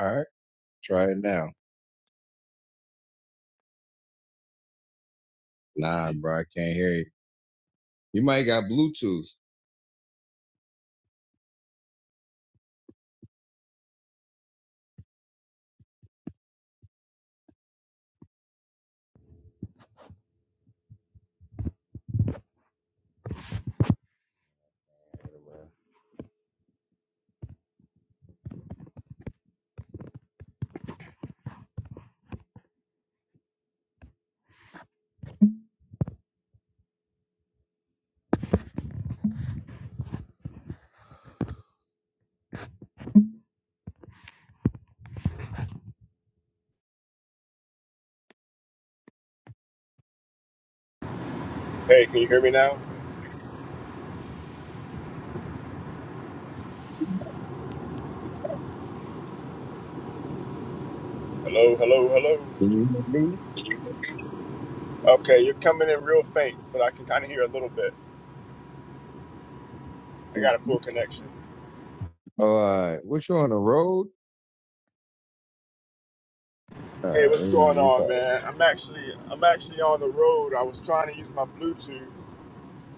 All right, try it now. Nah, bro, I can't hear you. You might got Bluetooth. Can Hey, can you hear me now? Hello, hello, hello. you hear Okay, you're coming in real faint, but I can kind of hear a little bit. I me? got a poor connection. All right, what you on the road? Uh, I Hey, what's going remember you on, man? I'm actually I'm actually on the road. I was trying to use my Bluetooth.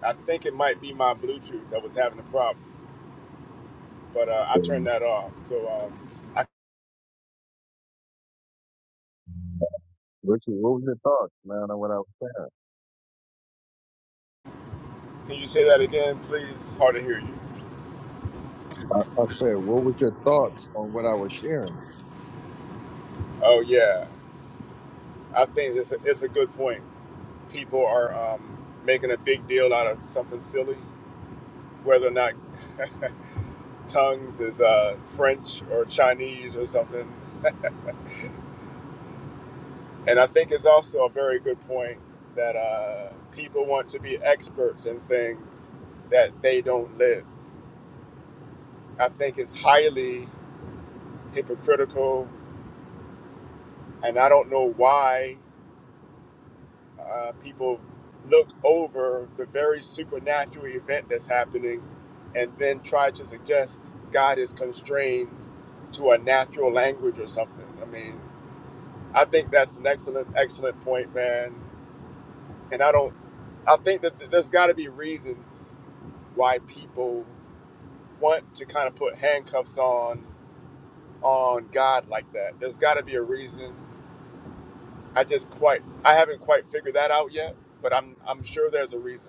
I think it might be my Bluetooth that was having a problem, but uh, I probably. turned that off. So, um, I, What, you, what was your thoughts, man, on what I was saying? can you say that again, please? It's hard to hear you. I, I said, what was your thoughts on what I was sharing? Oh yeah, I think it's a, it's a good point. People are um, making a big deal out of something silly, whether or not tongues is uh, French or Chinese or something. And I think it's also a very good point that uh, people want to be experts in things that they don't live. I think it's highly hypocritical, and I don't know why uh, people look over the very supernatural event that's happening and then try to suggest God is constrained to a natural language or something. I mean, I think that's an excellent, excellent point, man. And I don't, I think that th- there's got to be reasons why people want to kind of put handcuffs on on God like that. There's got to be a reason. I just quite, I haven't quite figured that out yet, but I'm, I'm sure there's a reason.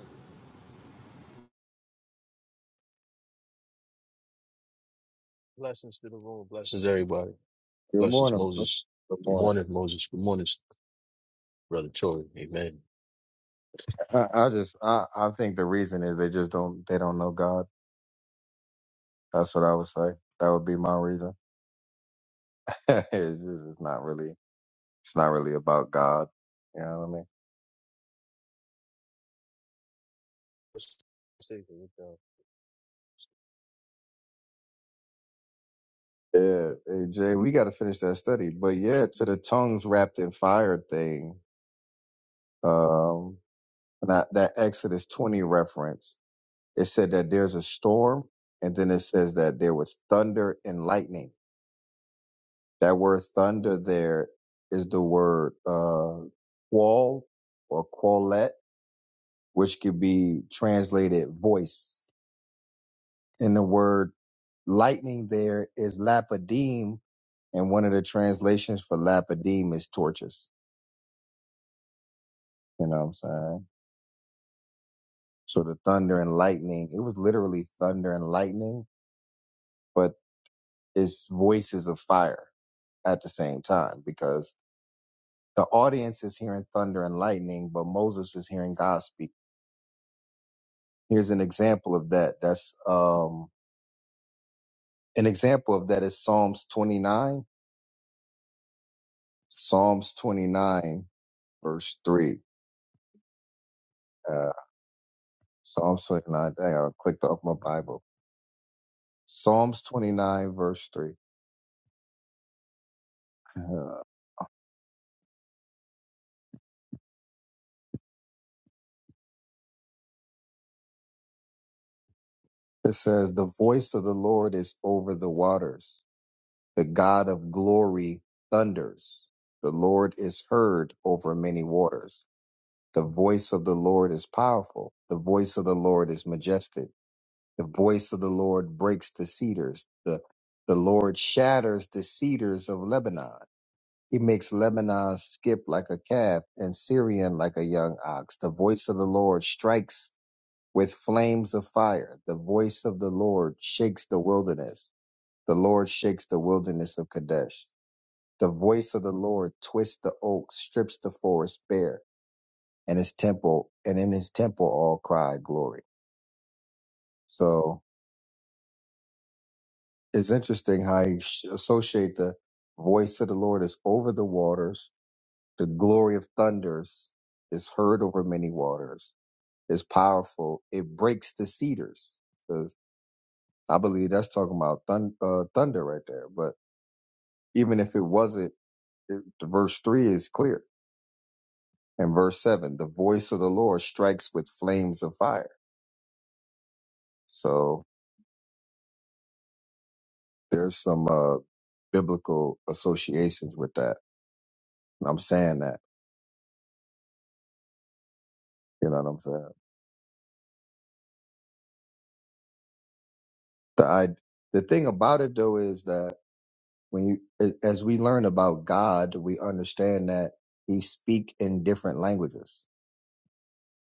Blessings to the room. Blessings everybody. Good Blessings morning, bro. Moses. Good Good morning. morning, Moses. Good morning, brother Tory. Amen. I, I just, I, I think the reason is they just don't, they don't know God. That's what I would say. That would be my reason. it's, just, it's not really, it's not really about God. You know what I mean? Yeah, hey Jay, we got to finish that study. But yeah, to the tongues wrapped in fire thing, um, and I, that Exodus 20 reference, it said that there's a storm, and then it says that there was thunder and lightning. That word thunder there is the word uh, qual or qualet, which could be translated voice. And the word lightning there is lapidem, and one of the translations for lapidem is torches. You know what I'm saying? So the thunder and lightning, it was literally thunder and lightning, but it's voices of fire at the same time because the audience is hearing thunder and lightning, but Moses is hearing God speak. Here's an example of that. That's um an example of that is Psalms 29, Psalms 29, verse 3. Uh, Psalms 29. Dang, I clicked off my Bible. Psalms 29, verse 3. Uh, It says, The voice of the Lord is over the waters. The God of glory thunders. The Lord is heard over many waters. The voice of the Lord is powerful. The voice of the Lord is majestic. The voice of the Lord breaks the cedars. The, the Lord shatters the cedars of Lebanon. He makes Lebanon skip like a calf and Syrian like a young ox. The voice of the Lord strikes with flames of fire. The voice of the Lord shakes the wilderness. The Lord shakes the wilderness of Kadesh. The voice of the Lord twists the oak, strips the forest bare, and his temple, and in his temple all cry glory. So it's interesting how you sh- associate the voice of the Lord is over the waters. The glory of thunders is heard over many waters. It's powerful. It breaks the cedars. I believe that's talking about thun- uh, thunder right there. But even if it wasn't, it, the verse three is clear. And verse seven, the voice of the Lord strikes with flames of fire. So there's some uh, biblical associations with that. And I'm saying that, you know what I'm saying? The I, the thing about it though is that when you, a- as we learn about God, we understand that He speak in different languages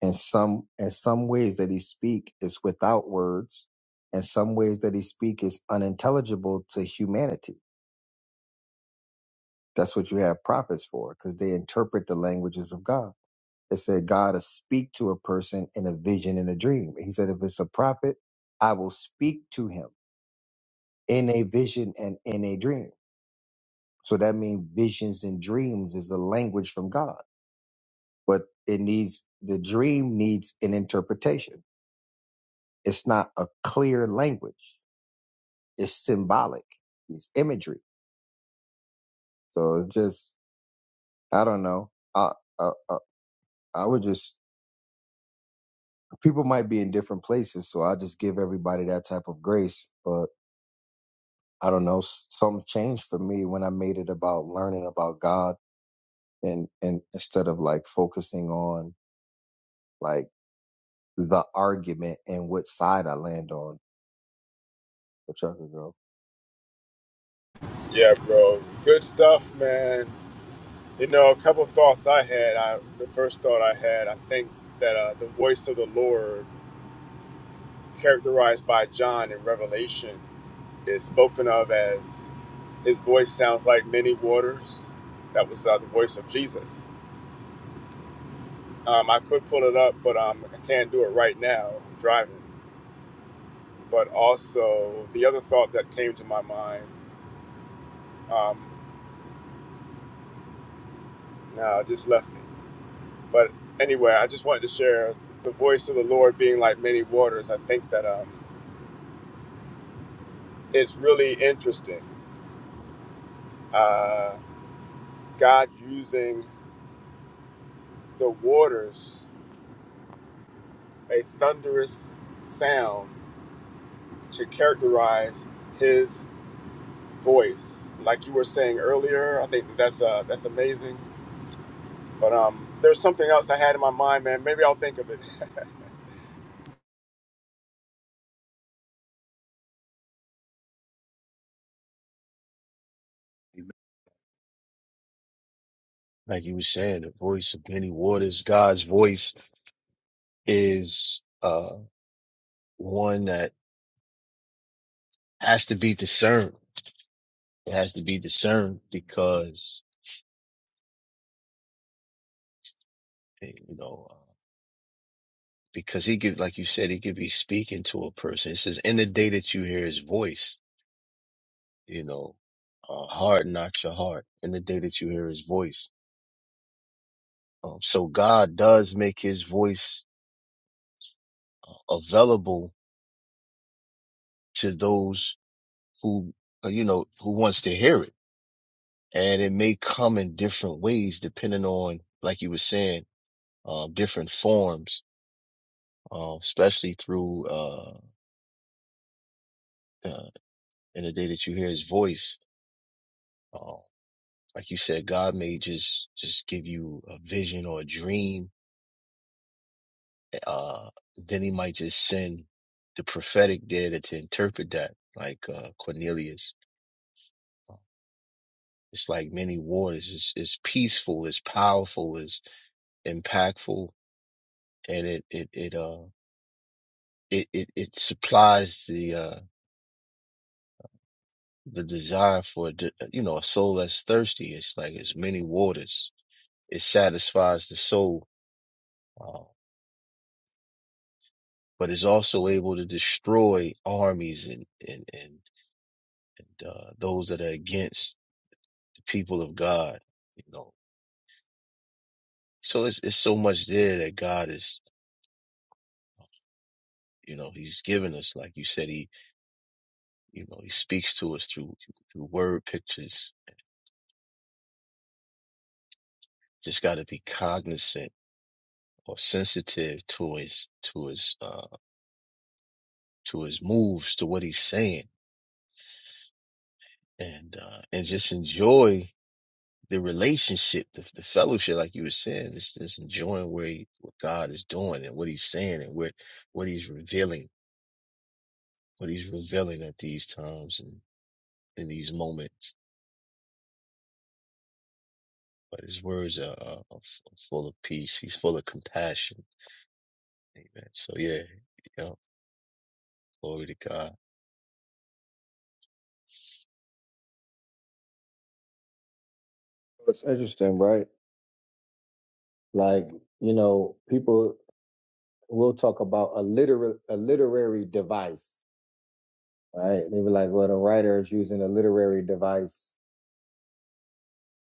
and some and some ways that he speak is without words and some ways that he speak is unintelligible to humanity that's what you have prophets for because they interpret the languages of god it said god will speak to a person in a vision and a dream he said if it's a prophet i will speak to him in a vision and in a dream so that means visions and dreams is a language from god but it needs the dream needs an interpretation it's not a clear language it's symbolic. It's imagery. So it's just, I don't know. I, I, I, I would just, people might be in different places. So I just give everybody that type of grace. But I don't know. s- Something changed for me when I made it about learning about God and, and instead of like focusing on like the argument and which side I land on, which I could go. Yeah, bro. Good stuff, man. You know, a couple thoughts I had. I the first thought I had, I think that uh, the voice of the Lord. characterized by John in Revelation is spoken of as his voice sounds like many waters. That was uh, the voice of Jesus. Um, I could pull it up, but um, I can't do it right now. I'm driving. But also, the other thought that came to my mind, um, no, it just left me. But anyway, I just wanted to share the voice of the Lord being like many waters. I think that um, it's really interesting. Uh, God using the waters a thunderous sound to characterize his voice. Like you were saying earlier, I think that that's uh, that's amazing. But um, there's something else I had in my mind, man. Maybe I'll think of it. Like you were saying, the voice of many waters, God's voice is uh one that has to be discerned. It has to be discerned because eh, you know. because he could, like you said, he could be speaking to a person. It says, in the day that you hear his voice, you know, uh, harden not your heart in the day that you hear his voice. Um, so God does make his voice uh, available to those who, uh, you know, who wants to hear it. And it may come in different ways depending on, like you were saying, um, different forms, uh, especially through, uh, uh, in the day that you hear his voice. Um, like you said, God may just just give you a vision or a dream. Uh, then He might just send the prophetic there to, to interpret that, like uh, Cornelius. It's like many waters. It's, it's peaceful. It's powerful. It's impactful, and it it it uh it it, it supplies the uh the desire for you know a soul that's thirsty. It's like it's many waters. It satisfies the soul. Uh, but is also able to destroy armies and and and uh, those that are against the people of God. You know, so it's it's so much there that God is. You know, He's given us, like you said, He you know He speaks to us through through word pictures. Just got to be cognizant or sensitive to his to his uh to his moves to what he's saying and uh and just enjoy the relationship, the, the fellowship, like you were saying, is just enjoying where he, what God is doing and what He's saying and what what He's revealing, what He's revealing at these times and in these moments. But His words are, are, are full of peace. He's full of compassion. Amen. So yeah, yeah, glory to God. It's interesting, right? Like, you know, people will talk about a literal, a literary device right? They were like, well, the writer is using a literary device,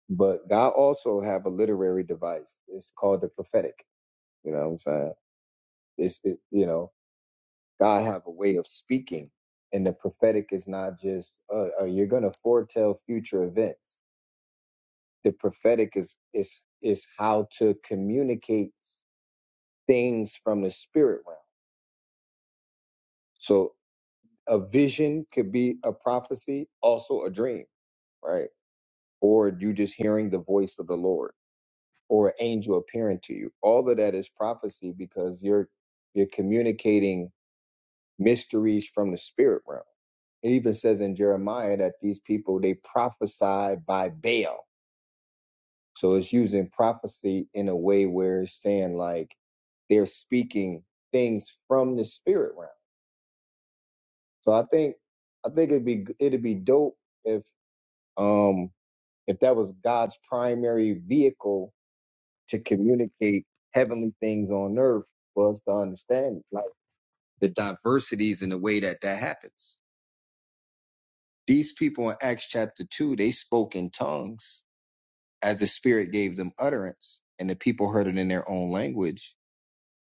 but God also have a literary device. It's called the prophetic. You know what I'm saying? It's it, you know God have a way of speaking, and the prophetic is not just uh, uh, you're gonna foretell future events. The prophetic is is is how to communicate things from the spirit realm. So a vision could be a prophecy, also a dream, right? Or you just hearing the voice of the Lord or an angel appearing to you. All of that is prophecy because you're you're communicating mysteries from the spirit realm. It even says in Jeremiah that these people they prophesy by Baal. So it's using prophecy in a way where it's saying like they're speaking things from the spirit realm. So I think I think it'd be it'd be dope if um if that was God's primary vehicle to communicate heavenly things on earth for us to understand it, like the diversities in the way that that happens. These people in Acts chapter 2, they spoke in tongues as the Spirit gave them utterance, and the people heard it in their own language.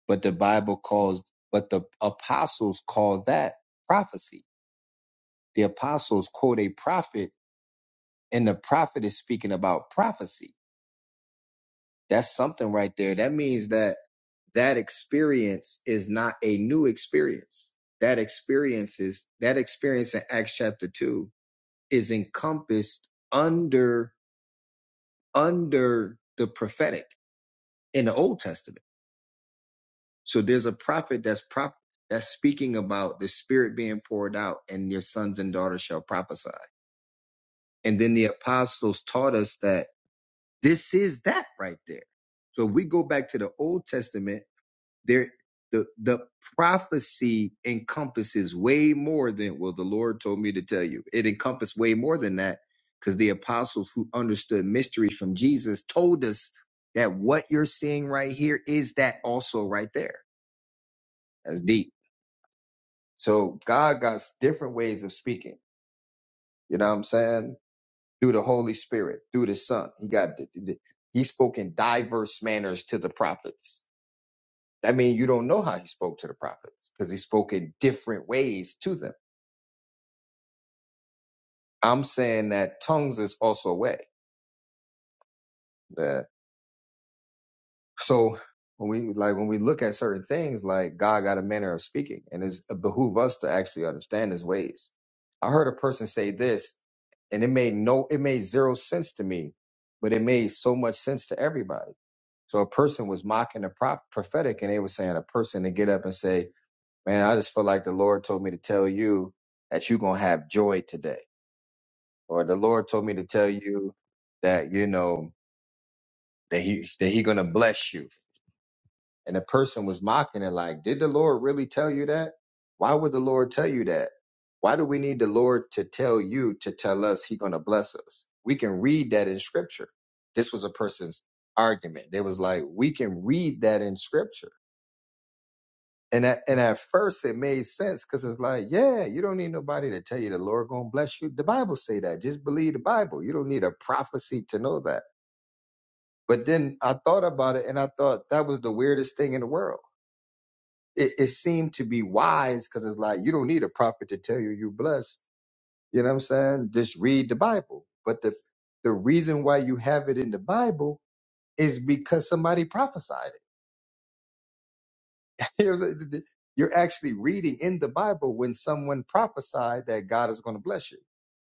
But the Bible calls, but the apostles call that prophecy. The apostles quote a prophet, and the prophet is speaking about prophecy That's something right there. That means that that experience is not a new experience. That experience is that experience in Acts chapter two is encompassed under under the prophetic in the Old Testament. So there's a prophet that's prop that's speaking about the Spirit being poured out, and your sons and daughters shall prophesy. And then the apostles taught us that this is that right there. So if we go back to the Old Testament there the the prophecy encompasses way more than well the lord told me to tell you it encompassed way more than that because the apostles who understood mysteries from jesus told us that what you're seeing right here is that also right there that's deep so god got different ways of speaking you know what i'm saying through the holy spirit through the son he got he spoke in diverse manners to the prophets I mean, you don't know how he spoke to the prophets because he spoke in different ways to them. I'm saying that tongues is also a way. Uh, so when we like when we look at certain things, like God got a manner of speaking, and it's, it behoove us to actually understand His ways. I heard a person say this, and it made no, it made zero sense to me, but it made so much sense to everybody. So a person was mocking the prof- prophetic, and they were saying a person to get up and say, Man, I just feel like the Lord told me to tell you that you're going to have joy today. Or the Lord told me to tell you that, you know, that he, that he going to bless you. And the person was mocking it like, did the Lord really tell you that? Why would the Lord tell you that? Why do we need the Lord to tell you to tell us he going to bless us? We can read that in scripture. This was a person's argument. They was like, we can read that in scripture And at, and at first it made sense because it's like, yeah, you don't need nobody to tell you the Lord gonna bless you. The Bible say that. Just believe the Bible. You don't need a prophecy to know that. But then I thought about it and I thought that was the weirdest thing in the world. It, it seemed to be wise because it's like you don't need a prophet to tell you you're blessed. You know what I'm saying? Just read the Bible. But the the reason why you have it in the Bible is because somebody prophesied. You know what I'm saying? You're actually reading in the Bible when someone prophesied that God is going to bless you.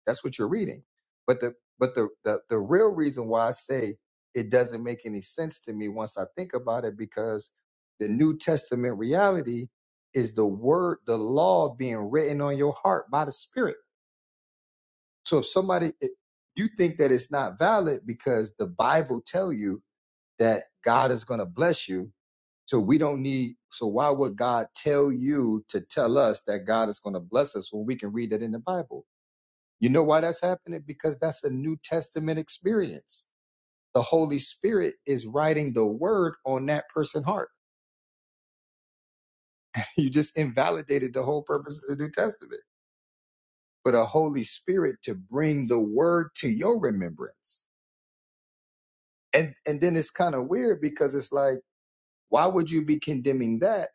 That's what you're reading. But the but the, the the real reason why I say it doesn't make any sense to me once I think about it because the New Testament reality is the word, the law being written on your heart by the Spirit. So if somebody if you think that it's not valid because the Bible tell you that God is going to bless you, so we don't need, so why would God tell you to tell us that God is going to bless us when we can read that in the Bible? You know why that's happening? Because that's a New Testament experience. The Holy Spirit is writing the word on that person's heart. You just invalidated the whole purpose of the New Testament. But a Holy Spirit to bring the word to your remembrance. And and then it's kind of weird because it's like, why would you be condemning that?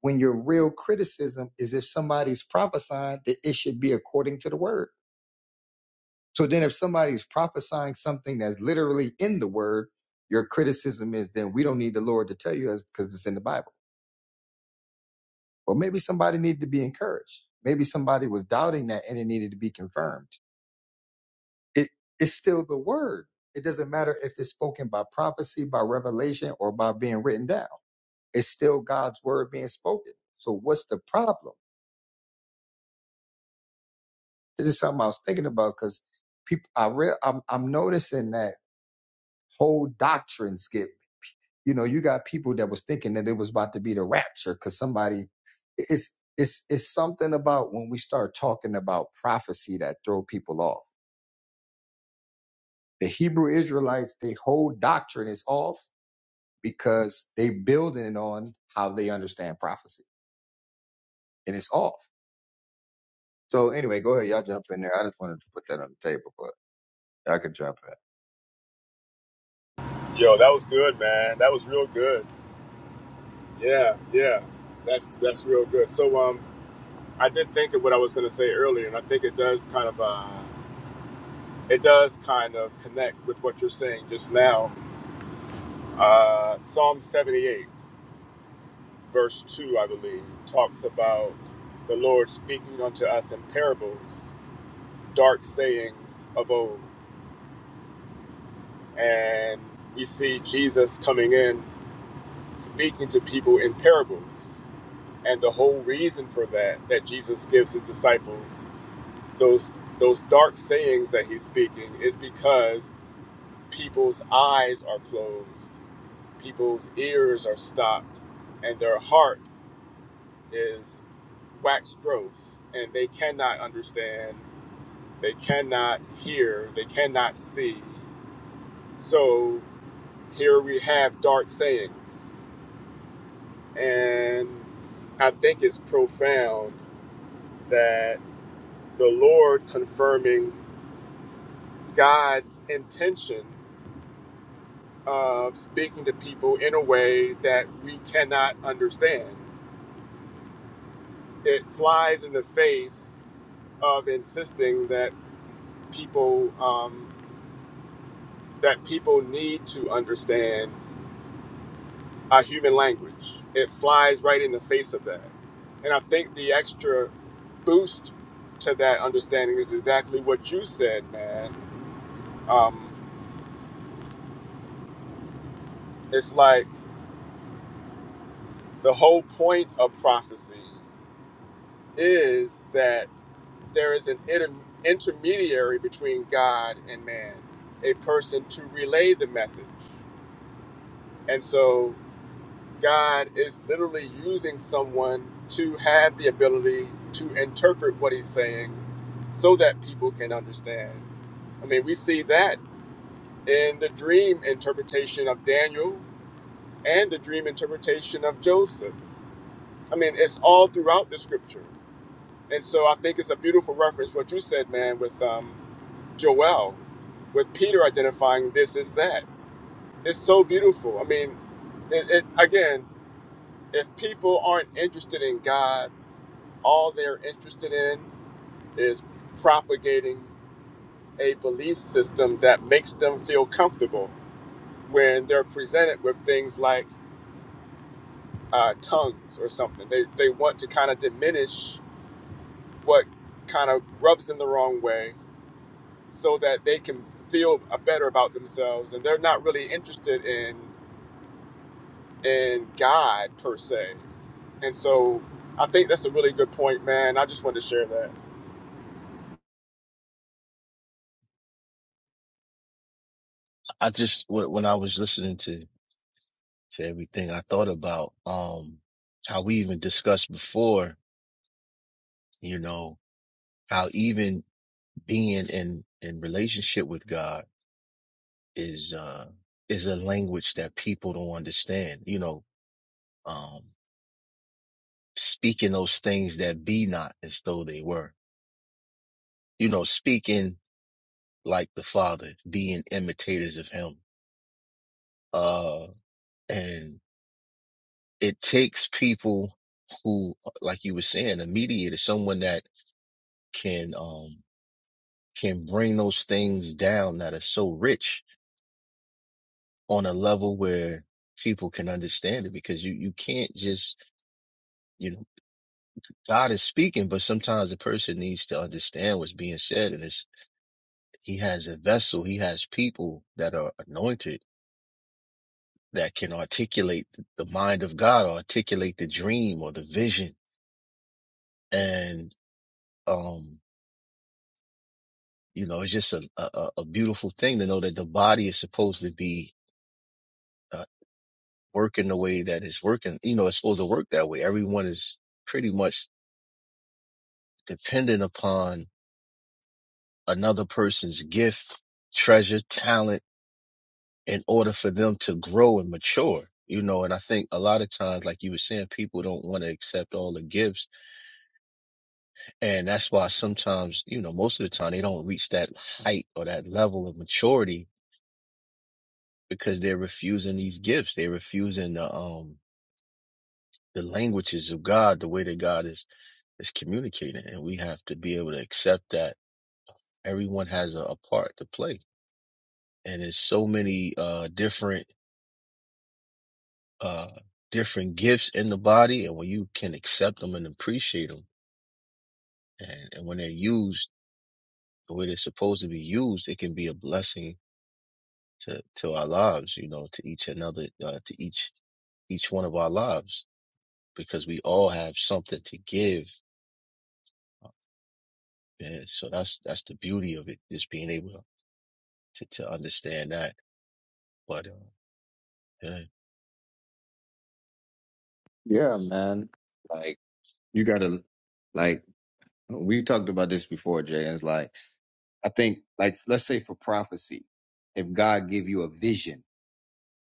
when your real criticism is if somebody's prophesying that it should be according to the word. So then if somebody's prophesying something that's literally in the word, your criticism is then we don't need the Lord to tell you because it's in the Bible. Well, maybe somebody needed to be encouraged. Maybe somebody was doubting that and it needed to be confirmed. It, it's still the word. It doesn't matter if it's spoken by prophecy, by revelation, or by being written down. It's still God's word being spoken. So what's the problem? This is something I was thinking about because people, I real, I'm, I'm noticing that whole doctrine skip. You know, you got people that was thinking that it was about to be the rapture because somebody, it's, it's, it's something about when we start talking about prophecy that throw people off. The Hebrew Israelites, their whole doctrine is off because they building it on how they understand prophecy and it's off. So anyway, go ahead, y'all jump in there. I just wanted to put that on the table, but y'all can jump Yo, that was good, man. That was real good. Yeah, yeah, that's that's real good. So um, I did think of what I was going to say earlier, and I think it does kind of uh, it does kind of connect with what you're saying just now. Uh, Psalm 78. verse 2, I believe, talks about the Lord speaking unto us in parables, dark sayings of old. And we see Jesus coming in, speaking to people in parables. And the whole reason for that, that Jesus gives his disciples those those dark sayings that he's speaking is because people's eyes are closed, people's ears are stopped, and their heart is wax gross and they cannot understand, they cannot hear, they cannot see. So here we have dark sayings. And I think it's profound that the Lord confirming God's intention of speaking to people in a way that we cannot understand. It flies in the face of insisting that people um, that people need to understand our human language. It flies right in the face of that. And I think the extra boost to that understanding is exactly what you said, man. Um, it's like the whole point of prophecy is that there is an inter- intermediary between God and man, a person to relay the message. And so God is literally using someone to have the ability to interpret what he's saying so that people can understand. I mean, we see that in the dream interpretation of Daniel and the dream interpretation of Joseph. I mean, it's all throughout the scripture. And so I think it's a beautiful reference, what you said, man, with um, Joel, with Peter identifying this is that. It's so beautiful. I mean, it, it again, if people aren't interested in God, all they're interested in is propagating a belief system that makes them feel comfortable when they're presented with things like uh, tongues or something. They, they want to kind of diminish what kind of rubs them the wrong way so that they can feel uh, better about themselves and they're not really interested in in God per se. And so I think that's a really good point, man. I just wanted to share that. I just when, when I was listening to to everything, I thought about um how we even discussed before, you know, how even being in in relationship with God is uh is a language that people don't understand. You know, um, speaking those things that be not as though they were. You know, speaking like the Father, being imitators of Him. Uh, and it takes people who, uh, like you were saying, a mediator, someone that can um can bring those things down that are so rich on a level where people can understand it because you you can't just you know. God is speaking, but sometimes a person needs to understand what's being said. And it's, he has a vessel, he has people that are anointed that can articulate the mind of God, or articulate the dream or the vision. And, um, you know, it's just a, a, a beautiful thing to know that the body is supposed to be uh, working the way that it's working. You know, it's supposed to work that way. Everyone is pretty much dependent upon another person's gift, treasure, talent in order for them to grow and mature. You know, and I think a lot of times, like you were saying, people don't want to accept all the gifts. And that's why sometimes, you know, most of the time they don't reach that height or that level of maturity because they're refusing these gifts. They're refusing the, um, the languages of God, the way that God is, is communicating. And we have to be able to accept that everyone has a, a part to play. And there's so many, uh, different uh, different gifts in the body and when you can accept them and appreciate them and, and when they're used the way they're supposed to be used it can be a blessing to to our lives you know to each another uh, to each each one of our lives because we all have something to give Uh, yeah, so that's that's the beauty of it just being able to to understand that but uh yeah in. Yeah, man. like. you gotta like we talked about this before jay it's like i think like let's say for prophecy if god give you a vision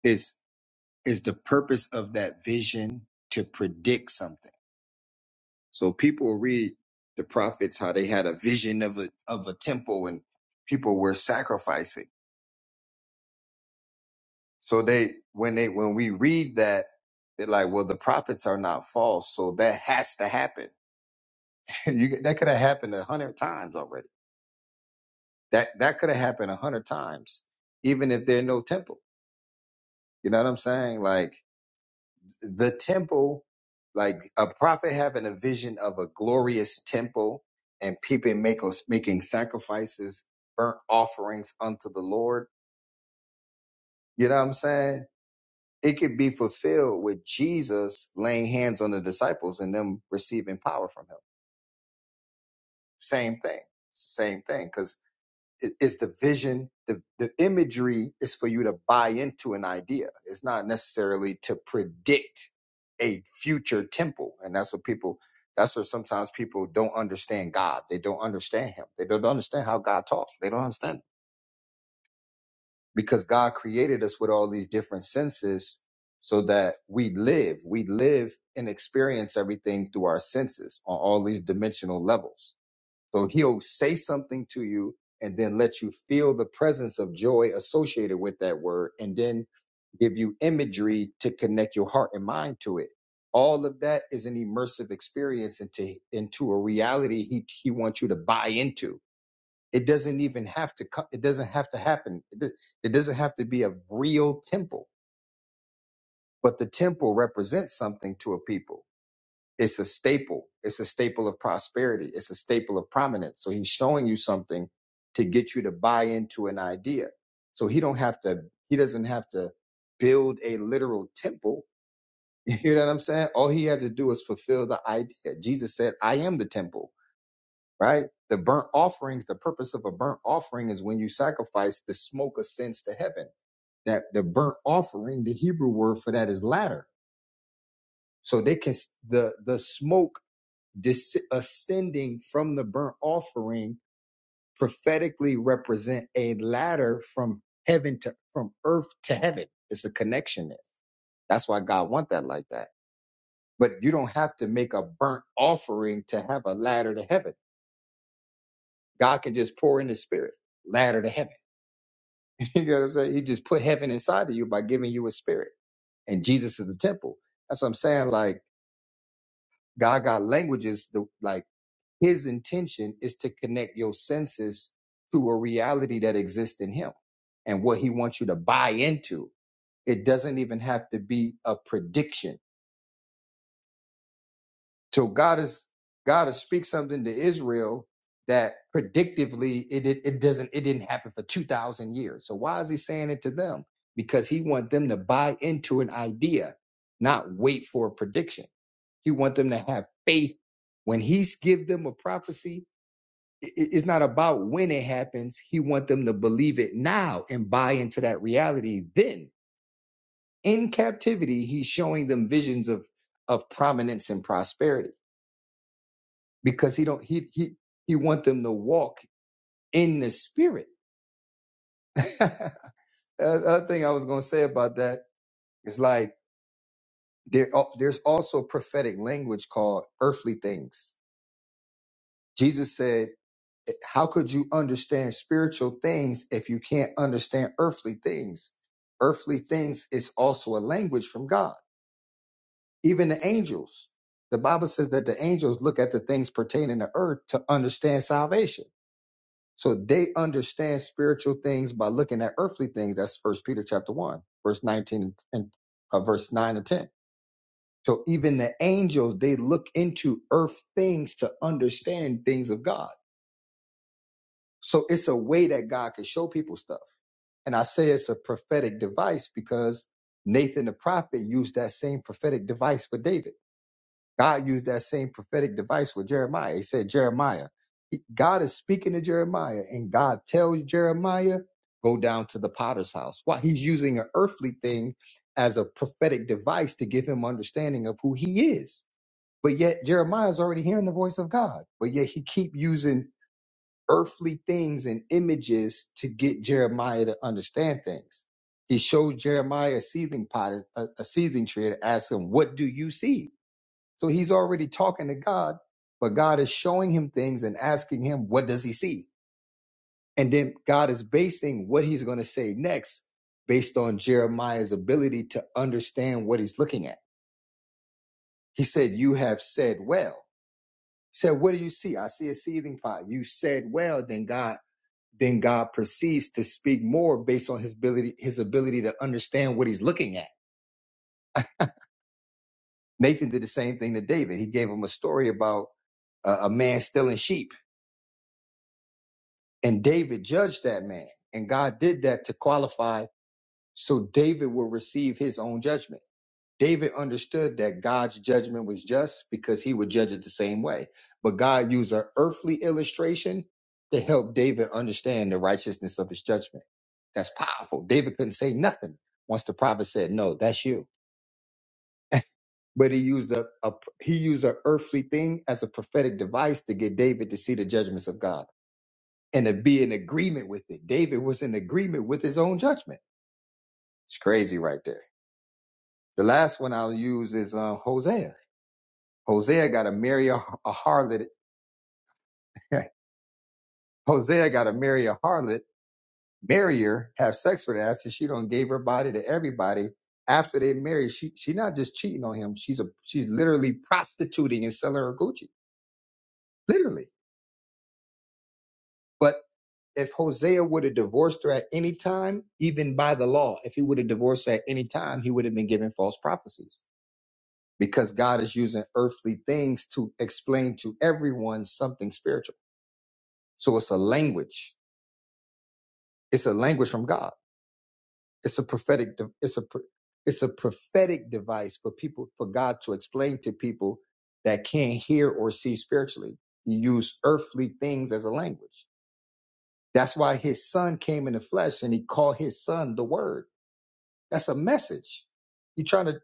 is is the purpose of that vision to predict something so people read the prophets how they had a vision of a of a temple and people were sacrificing so they when they when we read that they're like well the prophets are not false so that has to happen you, that could have happened a hundred times already That that could have happened a hundred times, even if there's no temple. You know what I'm saying? Like the temple, like a prophet having a vision of a glorious temple and people make, making sacrifices, burnt offerings unto the Lord. You know what I'm saying? It could be fulfilled with Jesus laying hands on the disciples and them receiving power from him. Same thing. It's the Same thing. because. it- it's the vision the, the imagery is for you to buy into an idea it's not necessarily to predict a future temple and that's what people that's what sometimes people don't understand god they don't understand him they don't understand how god talks they don't understand it. because god created us with all these different senses so that we live we live and experience everything through our senses on all these dimensional levels so he'll say something to you and then let you feel the presence of joy associated with that word and then give you imagery to connect your heart and mind to it. All of that is an immersive experience into, into a reality he, he wants you to buy into. It doesn't even have to come. It doesn't have to happen. It, do- it doesn't have to be a real temple, but the temple represents something to a people it's a staple. It's a staple of prosperity. It's a staple of prominence. So he's showing you something to get you to buy into an idea. So he don't have to, he doesn't have to build a literal temple. You hear what I'm saying? All he has to do is fulfill the idea. Jesus said, I am the temple, right? The burnt offerings, the purpose of a burnt offering is when you sacrifice, the smoke ascends to heaven. That the burnt offering, the Hebrew word for that is ladder. So they can the the smoke dis- ascending from the burnt offering prophetically represent a ladder from heaven to from earth to heaven. It's a connection there. That's why God want that like that. But you don't have to make a burnt offering to have a ladder to heaven. God can just pour in the spirit, ladder to heaven. you know what I'm saying? He just put heaven inside of you by giving you a spirit. And Jesus is the temple. That's what I'm saying. Like God got languages, the, like His intention is to connect your senses to a reality that exists in Him and what He wants you to buy into. It doesn't even have to be a prediction. So God is God is speak something to Israel that predictively it, it it doesn't it didn't happen for two thousand years. So why is He saying it to them? Because He wants them to buy into an idea, not wait for a prediction. He wants them to have faith when He's give them a prophecy it's not about when it happens. He want them to believe it now and buy into that reality. Then in captivity, he's showing them visions of of prominence and prosperity because he don't he he he want them to walk in the spirit. Another thing I was gonna say about that is like there there's also prophetic language called earthly things. Jesus said how could you understand spiritual things if you can't understand earthly things? Earthly things is also a language from God. Even the angels, the Bible says that the angels look at the things pertaining to earth to understand salvation. So they understand spiritual things by looking at earthly things. That's First Peter chapter one, verse nineteen and uh, verse nine and ten. So even the angels, they look into earth things to understand things of God. So it's a way that God can show people stuff. And I say it's a prophetic device because Nathan the prophet used that same prophetic device with David. God used that same prophetic device with Jeremiah. He said, Jeremiah, he- God is speaking to Jeremiah, and God tells Jeremiah, go down to the potter's house. Why? He's using an earthly thing as a prophetic device to give him understanding of who he is. But yet Jeremiah's already hearing the voice of God. But yet he keep using earthly things and images to get Jeremiah to understand things. He showed Jeremiah a seething pot, a, a seething tree, and asked him, What do you see? So he's already talking to God, but God is showing him things and asking him, What does he see? And then God is basing what he's going to say next based on Jeremiah's ability to understand what he's looking at. He said, You have said well. He said, What do you see? I see a seething pot. You said well. Then God then God proceeds to speak more based on his ability, his ability to understand what he's looking at. Nathan did the same thing to David. He gave him a story about a, a man stealing sheep, and David judged that man. And God did that to qualify so David will receive his own judgment. David understood that God's judgment was just because he would judge it the same way. But God used an earthly illustration to help David understand the righteousness of his judgment. That's powerful. David couldn't say nothing once the prophet said, "No, that's you." But he used a, a he used an earthly thing as a prophetic device to get David to see the judgments of God and to be in agreement with it. David was in agreement with his own judgment. It's crazy, right there. The last one I'll use is uh, Hosea Hosea got to marry a, a harlot. Hosea got to marry a harlot, marry her, have sex with her after she don't gave her body to everybody. After they married, she she not just cheating on him. She's a she's literally prostituting and selling her Gucci, literally. But if Hosea would have divorced her at any time, even by the law, if he would have divorced her at any time, he would have been given false prophecies because God is using earthly things to explain to everyone something spiritual. So it's a language It's a language from God. It's a prophetic. de- It's a pr- it's a prophetic device for people for God to explain to people that can't hear or see spiritually. He used earthly things as a language. That's why his son came in the flesh and he called his son the word. That's a message. He trying to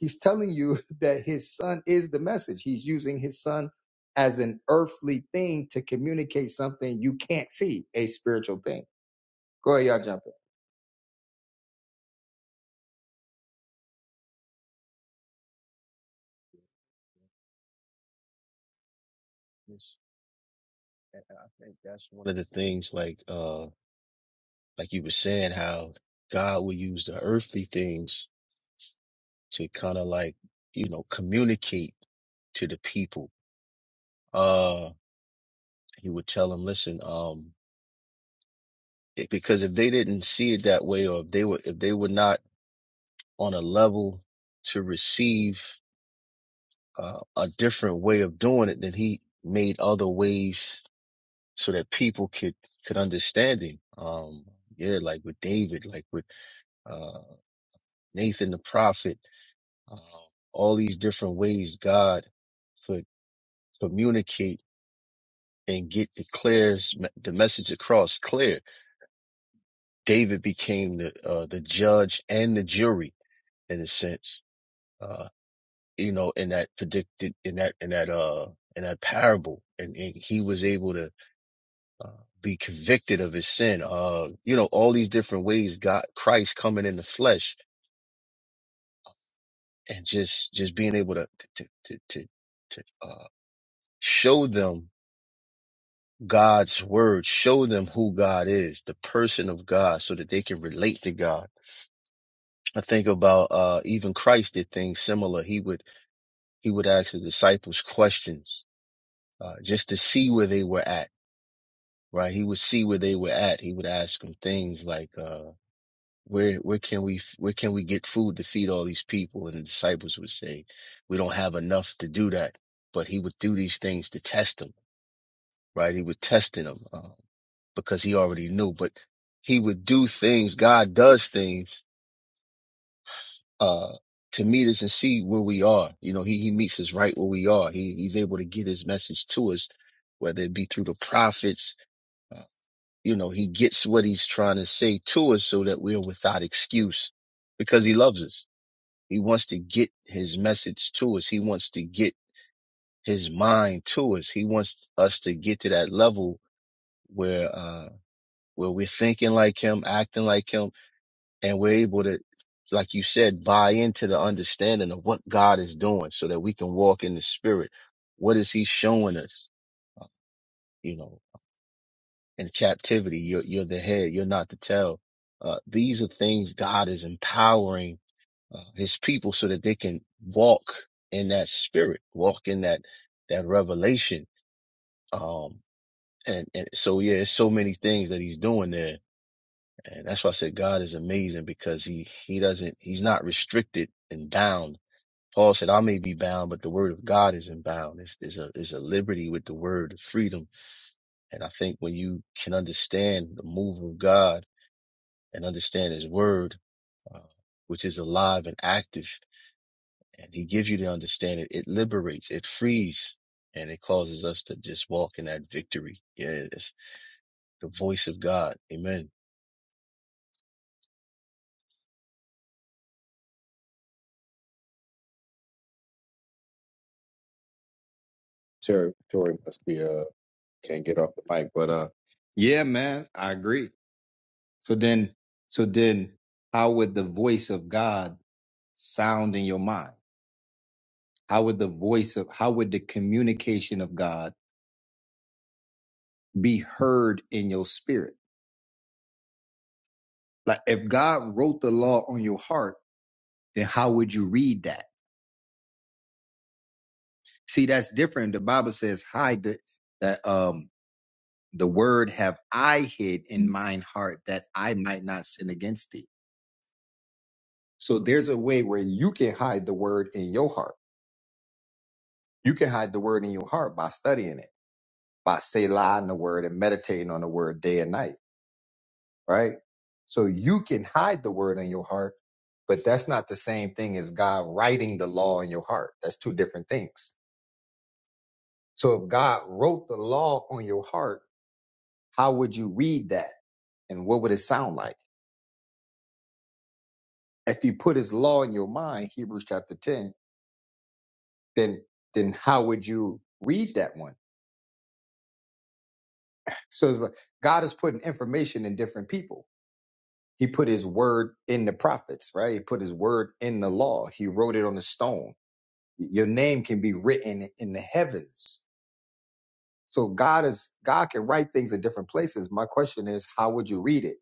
he's telling you that his son is the message. He's using his son as an earthly thing to communicate something you can't see, a spiritual thing. Go ahead, y'all jump in. it's- i I think that's one of the things like uh like you were saying how god will use the earthly things to kind of like, you know, communicate to the people. Uh, he would tell them, listen, um, it- because if they didn't see it that way, or if they were, if they were not on a level to receive uh, a different way of doing it, then he made other ways so that people could, could understand him. Um, yeah, like with David, like with, uh, Nathan the prophet, um, all these different ways God could communicate and get the clears the message across clear. David became the uh, the judge and the jury in a sense, uh, you know, in that predicted in that in that uh in that parable, and, and he was able to uh, be convicted of his sin. Uh, you know, all these different ways God Christ coming in the flesh and just just being able to to to to, to uh, show them God's word, show them who God is, the person of God, so that they can relate to God I think about uh, even Christ did things similar. He would he would ask the disciples questions uh, just to see where they were at. Right? He would see where they were at. He would ask them things like, uh, "Where where can we where can we get food to feed all these people?" And the disciples would say, "We don't have enough to do that." But he would do these things to test them. Right? He was testing them uh, because he already knew. But he would do things. God does things uh, to meet us and see where we are. You know, he, he meets us right where we are. He, he's able to get his message to us, whether it be through the prophets. Uh, you know, he gets what he's trying to say to us so that we're without excuse because he loves us. He wants to get his message to us. He wants to get his mind to us. He wants us to get to that level where, uh, where we're thinking like him, acting like him, and we're able to, like you said, buy into the understanding of what God is doing so that we can walk in the spirit. What is he showing us? You know, in captivity, you're, you're the head, you're not the tail. Uh, these are things God is empowering uh, his people so that they can walk in that spirit, walk in that, that revelation. Um, and, and so, yeah, it's so many things that he's doing there. And that's why I said God is amazing because he, he doesn't, he's not restricted and bound Paul said, I may be bound, but the word of God isn't bound. It's, it's a, it's a liberty with the word freedom. And I think when you can understand the move of God and understand his word, uh, which is alive and active, and he gives you the understanding, it liberates, it frees, and it causes us to just walk in that victory. Yes, the voice of God. Amen. Territory must be uh, Can't get off the mic, but uh, yeah, man, I agree. So then, so then, how would the voice of God sound in your mind? How would the voice of how would the communication of God be heard in your spirit? Like if God wrote the law on your heart, then how would you read that? See, that's different. The Bible says, "Hide the, that um the word have I hid in mine heart that I might not sin against thee." So there's a way where you can hide the word in your heart You can hide the word in your heart by studying it, by say in the word and meditating on the word day and night, right? So you can hide the word in your heart, but that's not the same thing as God writing the law in your heart. That's two different things. So if God wrote the law on your heart, how would you read that? And what would it sound like? If you put his law in your mind, Hebrews chapter 10, then then how would you read that one? So it's like God is putting information in different people He put his word in the prophets, right? He put his word in the law. He wrote it on the stone. Your name can be written in the heavens. So God is God can write things in different places. My question is, how would you read it?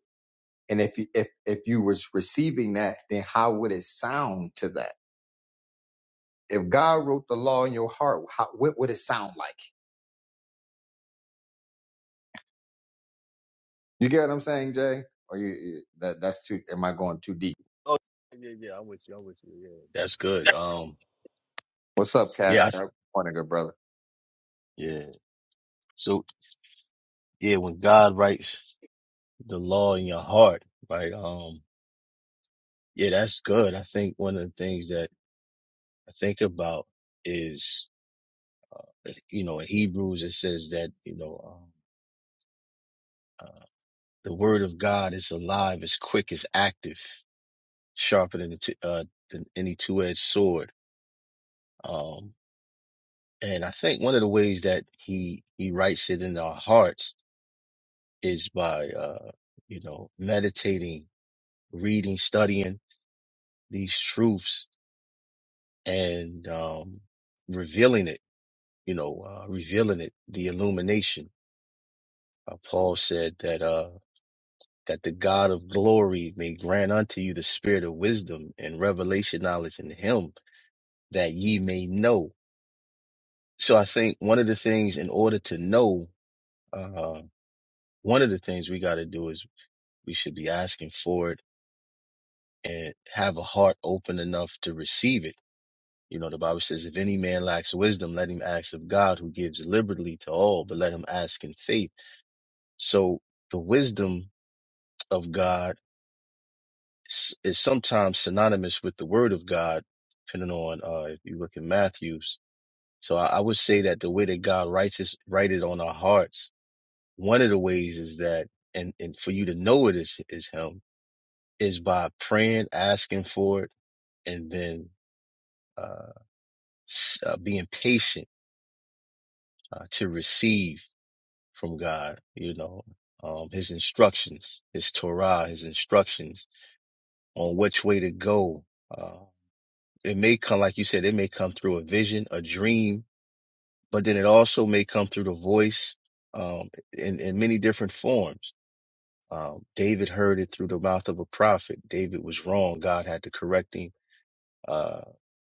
And if you if if you was receiving that, then how would it sound to that? If God wrote the law in your heart, how, what would it sound like? You get what I'm saying, Jay? Or you, you that that's too? Am I going too deep? Oh, yeah, yeah, I'm with you. I'm with you. Yeah. That's good. Um, What's up, Cap? yeah, I, Good Morning, good brother. yeah. So yeah, when God writes. the law in your heart, right? Um, yeah, that's good. I think one of the things that I think about is, you know, in Hebrews, it says that, you know, um, uh, the word of God is alive, is quick, is active, sharper than, the t- uh, than any two-edged sword. Um, and I think one of the ways that he, he writes it in our hearts is by, uh, you know, meditating, reading, studying these truths and, um, revealing it you know, uh, revealing it, the illumination. Uh, Paul said that, uh, that the God of glory may grant unto you the spirit of wisdom and revelation knowledge in him that ye may know. So I think one of the things in order to know, uh, one of the things we got to do is we should be asking for it and have a heart open enough to receive it. You know, the Bible says, if any man lacks wisdom, let him ask of God who gives liberally to all, but let him ask in faith. So the wisdom of God is sometimes synonymous with the word of God, depending on uh, if you look in Matthew's. So I, I would say that the way that God writes is write it on our hearts. One of the ways is that, and and for you to know it is is Him, is by praying, asking for it, and then uh, s- uh being patient uh, to receive from God. You know. Um, his instructions, his Torah, his instructions on which way to go, uh, It may come, like you said, it may come through a vision, a dream, but then it also may come through the voice, um, in, in many different forms. Um, David heard it through the mouth of a prophet. David was wrong. God had to correct him. Uh,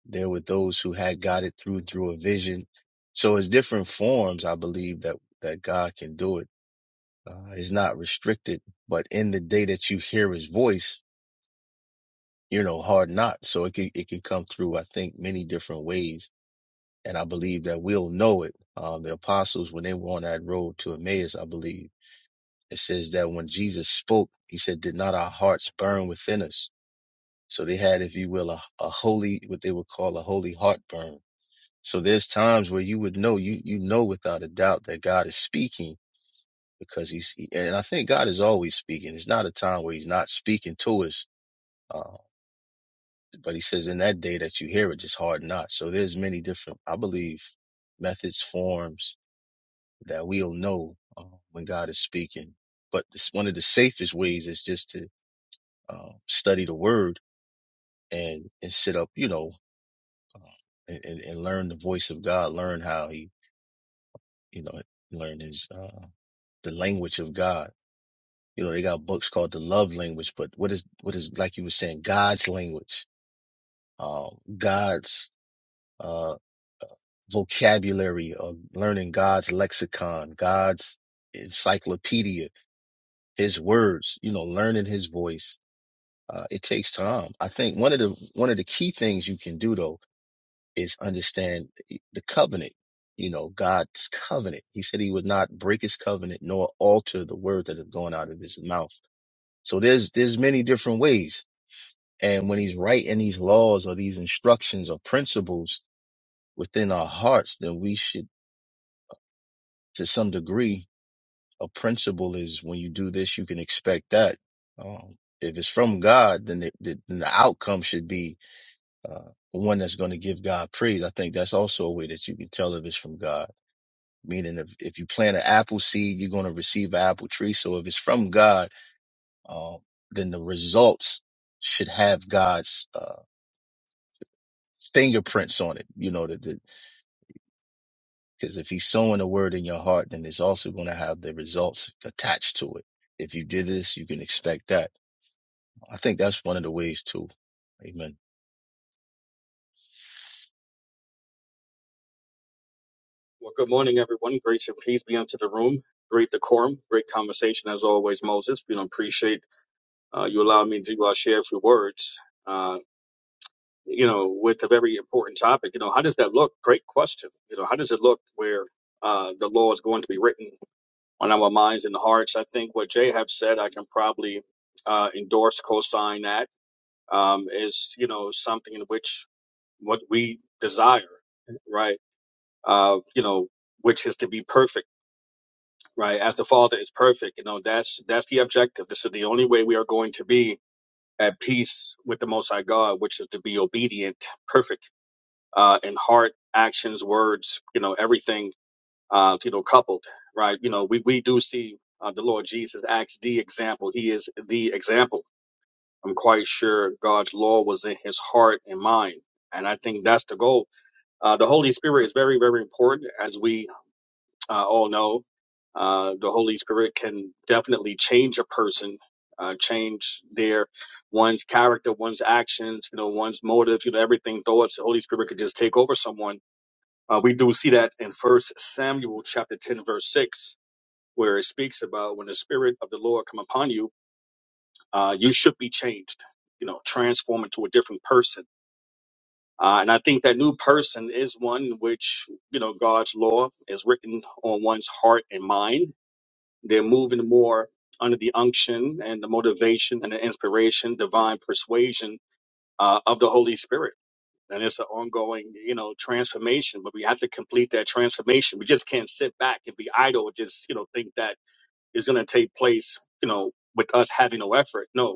there were those who had got it through, through a vision. So it's different forms, I believe that, that God can do it. Uh, it's not restricted, but in the day that you hear his voice, you know, hard not. So it can, it can come through, I think, many different ways and I believe that we'll know it. Um, the apostles, when they were on that road to Emmaus, I believe it says that when Jesus spoke, he said, did not our hearts burn within us? So they had, if you will, a, a holy, what they would call a holy heartburn. So there's times where you would know, you, you know, without a doubt that God is speaking because he's, and I think God is always speaking. It's not a time where he's not speaking to us. Uh, but he says in that day that you hear it, just hard not. So there's many different, I believe, methods, forms, that we'll know um, when God is speaking. But this, one of the safest ways is just to um, study the Word and and sit up, you know, um, and, and and learn the voice of God, learn how He, you know, learn His uh, the language of God. You know, they got books called the Love Language, but what is what is like you were saying, God's language, um, God's uh, vocabulary of learning God's lexicon, God's encyclopedia, His words. You know, learning His voice Uh, it takes time. I think one of the one of the key things you can do though is understand the covenant. You know, God's covenant. He said he would not break his covenant nor alter the word that have gone out of his mouth. So there's there's many different ways. And when he's writing these laws or these instructions or principles within our hearts, then we should to some degree a principle is when you do this, you can expect that. Um, if it's from God, then the, the, then the outcome should be uh, one that's going to give God praise. I think that's also a way that you can tell if it's from God. Meaning, if, if you plant an apple seed, you're going to receive an apple tree. So if it's from God, um, then the results should have God's uh, fingerprints on it. You know, because if He's sowing a word in your heart, then it's also going to have the results attached to it. If you did this, you can expect that. I think that's one of the ways too. Amen. Well, good morning, everyone. Grace and peace be unto the room. Great decorum, great conversation as always, Moses. You know, appreciate uh, you allowing me to uh, share a few words. Uh, you know, with a very important topic. You know, how does that look? Great question. You know, how does it look where uh, the law is going to be written on our minds and hearts? I think what Jay have said, I can probably uh, endorse, co-sign that um, is you know something in which what we desire, right? Uh, you know, which is to be perfect right? As the Father is perfect, you know that's that's the objective. This is the only way we are going to be at peace with the Most High God, which is to be obedient, perfect uh, in heart, actions, words, you know, everything, uh, you know, coupled, right? You know, we we do see uh, the Lord Jesus acts the example. He is the example. I'm quite sure God's law was in His heart and mind, and I think that's the goal. Uh, the Holy Spirit is very, very important as we uh, all know, uh, the Holy Spirit can definitely change a person, uh, change their one's character, one's actions, you know, one's motives, you know, everything. Thoughts. The Holy Spirit could just take over someone. Uh, we do see that in First Samuel chapter ten, verse six, where it speaks about when the Spirit of the Lord come upon you, uh, you should be changed, you know, transformed into a different person. Uh, and I think that new person is one which, you know, God's law is written on one's heart and mind they're moving more under the unction and the motivation and the inspiration, divine persuasion uh, of the Holy Spirit. And it's an ongoing, you know, transformation. But we have to complete that transformation. We just can't sit back and be idle. and Just you know, think that is going to take place, you know, with us having no effort. No,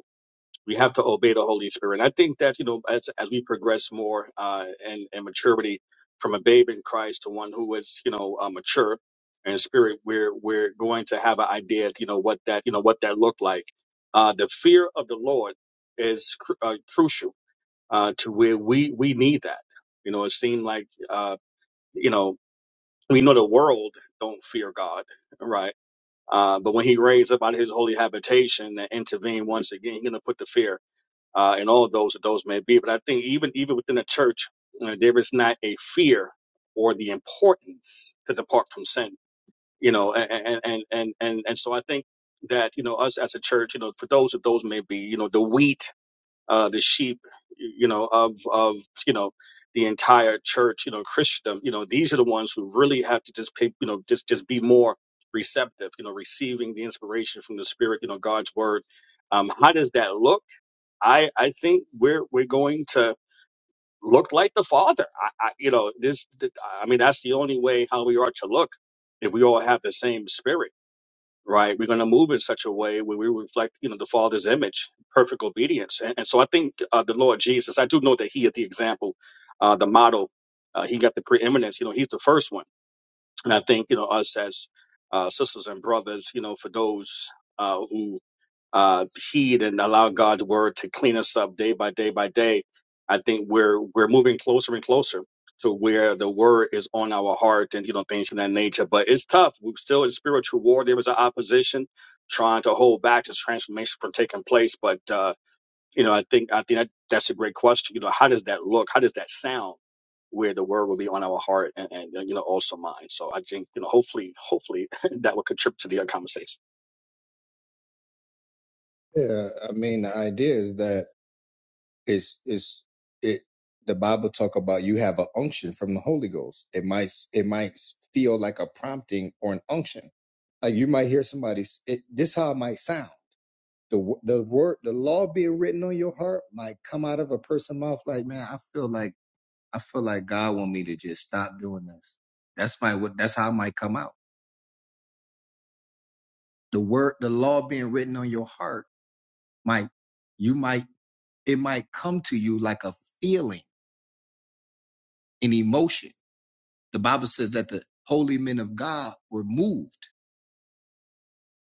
we have to obey the Holy Spirit. And I think that, you know, as, as we progress more uh, in, in maturity from a babe in Christ to one who is, you know, uh, mature in spirit, we're, we're going to have an idea, you know, what that, you know, what that looked like. Uh, the fear of the Lord is cru- uh, crucial uh, to where we, we need that. You know, it seemed like, uh, you know, we know the world don't fear God, right? Uh, but when he raised up out of his holy habitation and intervened once again, he's going to put the fear uh, and all of those that those may be. But I think even even within the church, you know, there is not a fear or the importance to depart from sin. You know, and and and and and, so I think that you know us as a church, you know, for those that those may be, you know, the wheat, uh, the sheep, you know, of of you know the entire church, you know, Christendom, you know, these are the ones who really have to just pay, you know, just just be more receptive, you know, receiving the inspiration from the Spirit, you know, God's word. Um, how does that look? I I think we're we're going to look like the Father. I, I you know this. th- I mean that's the only way how we are to look if we all have the same spirit, right? We're going to move in such a way where we reflect you know the Father's image, perfect obedience. And, and so I think uh, the Lord Jesus. I do know that He is the example, uh, the model. Uh, he got the preeminence. You know He's the first one. And I think you know us as uh, sisters and brothers. You know for those. Uh, uh, heed and allow God's word to clean us up day by day by day, I think we're we're moving closer and closer to where the word is on our heart and you know things of that nature. But it's tough. We're still in spiritual war. There is an opposition trying to hold back this transformation from taking place. But uh, you know, I think I think that, that's a great question. You know, how does that look? How does that sound? Where the word will be on our heart and, and you know also mine. So I think you know hopefully hopefully that will contribute to the uh, conversation. Yeah, I mean, the idea is that It's it's it. The Bible talk about you have an unction from the Holy Ghost. It might it might feel like a prompting or an unction. Like you might hear somebody. s- It, this how it might sound. The wo- the word the law being written on your heart might come out of a person's mouth. Like man, I feel like I feel like God want me to just stop doing this. That's my what. That's how it might come out. The word the law being written on your heart might you might it might come to you like a feeling, an emotion The Bible says that the holy men of God were moved.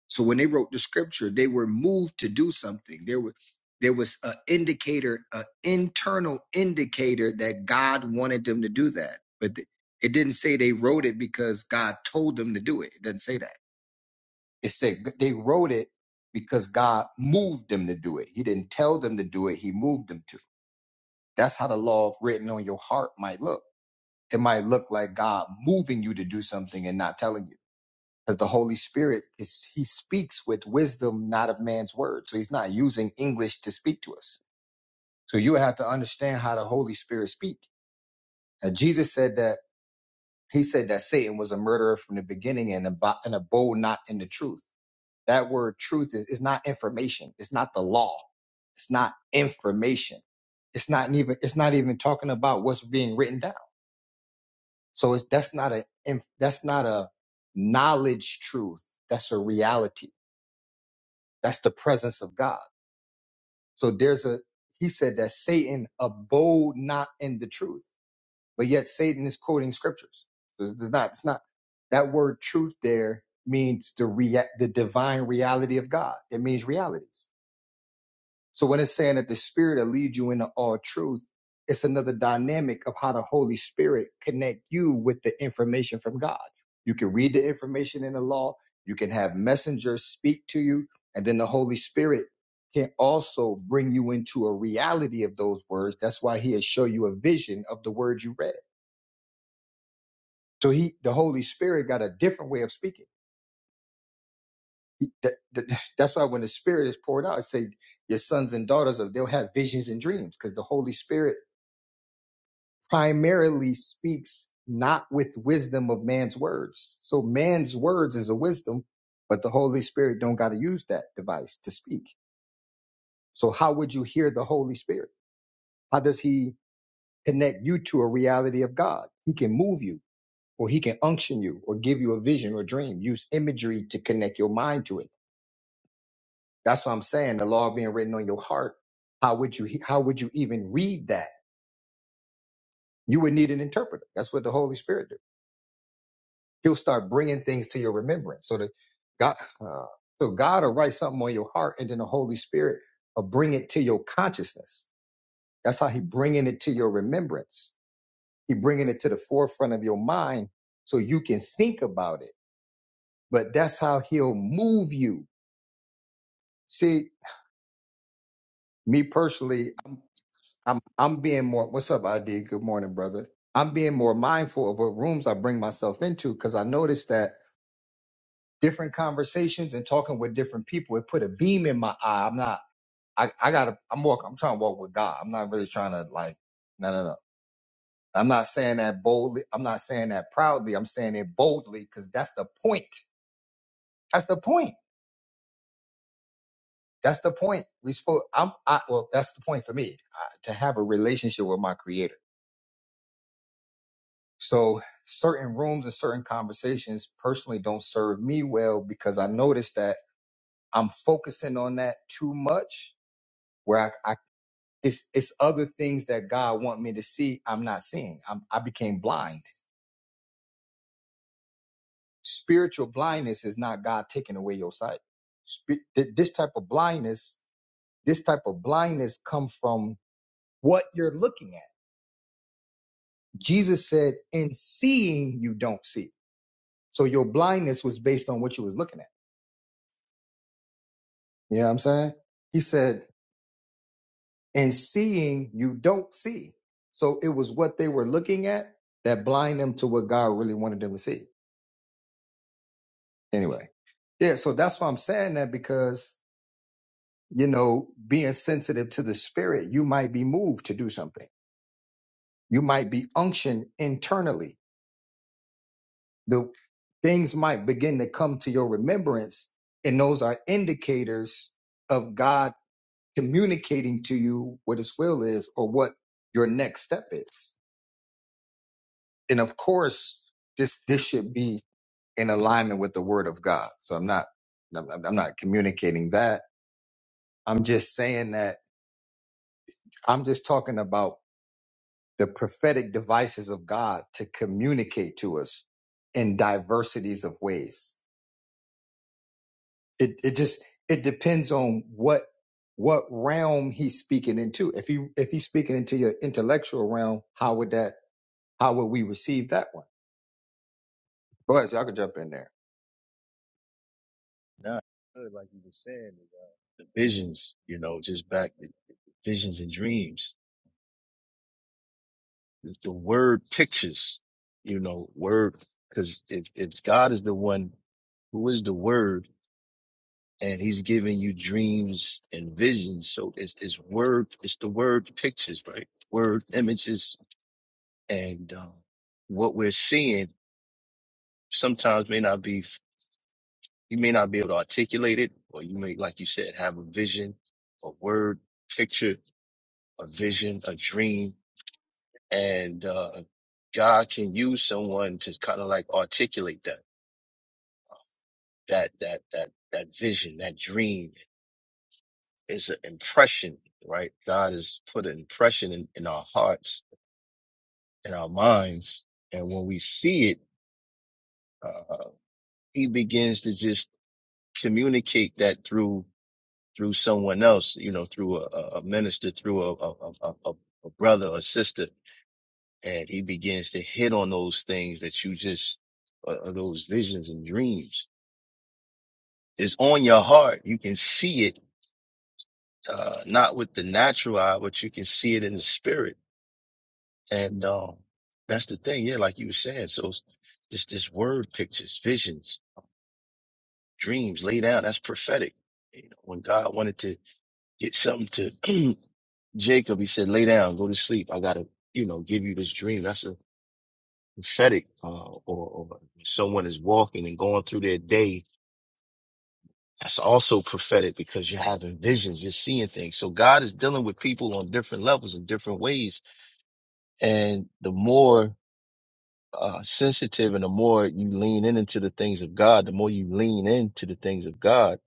So when they wrote the scripture, they were moved to do something. There were there was an indicator, an internal indicator that God wanted them to do that. But th- it didn't say they wrote it because God told them to do it. It doesn't say that. It said g- they wrote it because God moved them to do it. He didn't tell them to do it. He moved them to. That's how the law written on your heart might look. It might look like God moving you to do something and not telling you. because the Holy Spirit is He speaks with wisdom, not of man's word. So He's not using English to speak to us. So you would have to understand how the Holy Spirit speak. And Jesus said that He said that Satan was a murderer from the beginning and ab- and abode not in the truth. That word truth is, is not information. It's not the law. It's not information. It's not even. It's not even talking about what's being written down. So it's that's not a. inf- That's not a knowledge truth. That's a reality That's the presence of God. So there's a, he said that Satan abode not in the truth, but yet Satan is quoting scriptures. So It's not, it's not that word truth there means the rea- the divine reality of God. It means realities. So when it's saying that the Spirit will lead you into all truth, it's another dynamic of how the Holy Spirit connect you with the information from God. You can read the information in the law. You can have messengers speak to you, and then the Holy Spirit can also bring you into a reality of those words. That's why He'll show you a vision of the word you read. So He, the Holy Spirit, got a different way of speaking. He- that- that- that's why when the Spirit is poured out, it say your sons and daughters, of they'll have visions and dreams because the Holy Spirit primarily speaks not with wisdom of man's words. So man's words is a wisdom, but the Holy Spirit don't got to use that device to speak. So how would you hear the Holy Spirit? How does he connect you to a reality of God? He can move you or he can unction you or give you a vision or dream, use imagery to connect your mind to it. That's what I'm saying. The law being written on your heart. How would you, how would you even read that? You would need an interpreter. That's what the Holy Spirit do. He'll start bringing things to your remembrance. So that God, uh, so God will write something on your heart, and then the Holy Spirit will bring it to your consciousness. That's how He bringing it to your remembrance. He bringing it to the forefront of your mind, so you can think about it. But that's how He'll move you. See, me personally, I'm I'm being more. What's up, ID? Good morning, brother. I'm being more mindful of what rooms I bring myself into because I noticed that different conversations and talking with different people. It put a beam in my eye. I'm not. I, I gotta. I'm walk. I'm trying to walk with God. I'm not really trying to like. No, no, no. I'm not saying that boldly. I'm not saying that proudly. I'm saying it boldly because that's the point. That's the point. That's the point. We spoke. I'm. I, well, that's the point for me uh, to have a relationship with my Creator. So certain rooms and certain conversations personally don't serve me well because I noticed that I'm focusing on that too much. Where I, I It's it's other things that God want me to see. I'm not seeing. I'm, I became blind. Spiritual blindness is not God taking away your sight. Spi- th- this type of blindness, this type of blindness come from what you're looking at. Jesus said, "In seeing, you don't see." So your blindness was based on what you was looking at. You know what I'm saying? He said, "In seeing, you don't see." So it was what they were looking at that blind them to what God really wanted them to see. anyway. Yeah, so that's why I'm saying that because, you know, being sensitive to the spirit, you might be moved to do something. You might be unctioned internally. The things might begin to come to your remembrance, and those are indicators of God communicating to you what his will is or what your next step is. And of course, this this should be in alignment with the word of God. So I'm not I'm, I'm not communicating that. I'm just saying that I'm just talking about the prophetic devices of God to communicate to us in diversities of ways. It it just it depends on what what realm he's speaking into. If he if he's speaking into your intellectual realm, how would that how would we receive that one? Boys, y'all could jump in there. Now, like you were saying, the visions, you know, just back. to. visions and dreams. The the word pictures, you know, word, cause if, if God is the one who is the word and he's giving you dreams and visions. So it's, it's word, it's the word pictures, right? Word images and, um, what we're seeing sometimes may not be, you may not be able to articulate it or you may, like you said, have a vision, a word picture, a vision, a dream and uh, God can use someone to kind of like articulate that that that that that vision, that dream is an impression, right? God has put an impression in, in our hearts, in our minds, and when we see it, uh, He begins to just communicate that through through someone else, you know, through a, a a minister, through a a, a, a a brother or sister, and He begins to hit on those things that you just uh, uh, those visions and dreams is on your heart. You can see it, uh, not with the natural eye, but you can see it in the spirit. And, um, that's the thing. Yeah. Like you were saying. So it's this, this word pictures, visions, dreams lay down. That's prophetic. You know, when God wanted to get something to Jacob, he said, lay down, go to sleep. I gotta, you know, give you this dream. That's a prophetic, uh, or, or someone is walking and going through their day That's also prophetic because you're having visions, you're seeing things. So God is dealing with people on different levels in different ways. And the more uh, sensitive and the more you lean in into the things of God, the more you lean into the things of God,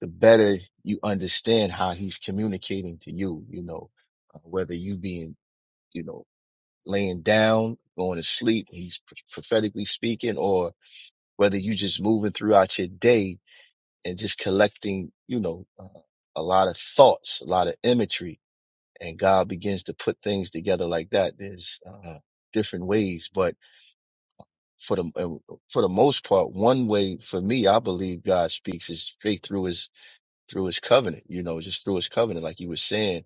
the better you understand how he's communicating to you, you know, uh, whether you being, you know, laying down, going to sleep, he's pr- prophetically speaking, or whether you just moving throughout your day and just collecting, you know, uh, a lot of thoughts, a lot of imagery, and God begins to put things together like that. There's uh, different ways, but for the um, for the most part, one way for me, I believe God speaks is straight through His through His covenant. You know, just through His covenant, like you were saying.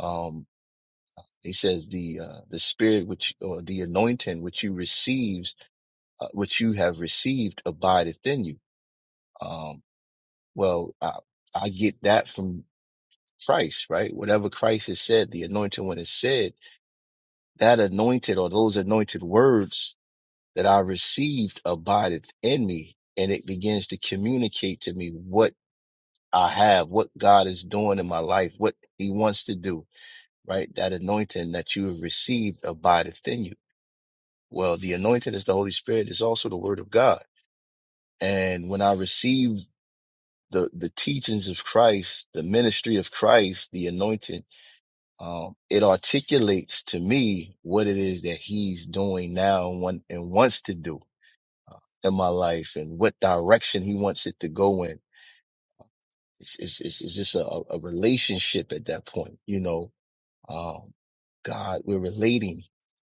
Um, he says the uh, the spirit which or the anointing which you receives uh, which you have received abideth in you. Um, well, I, I get that from Christ, right? Whatever Christ has said, the anointed one has said, that anointed or those anointed words that I received abideth in me and it begins to communicate to me what I have, what God is doing in my life, what he wants to do, right? That anointing that you have received abideth in you. Well, the anointing is the Holy Spirit is also the word of God. And when I received the, the teachings of Christ, the ministry of Christ, the anointing, um, it articulates to me what it is that he's doing now and, want, and wants to do in my life and what direction he wants it to go in. It's, it's, it's, it's just a, a relationship at that point, you know, um, God, we're relating.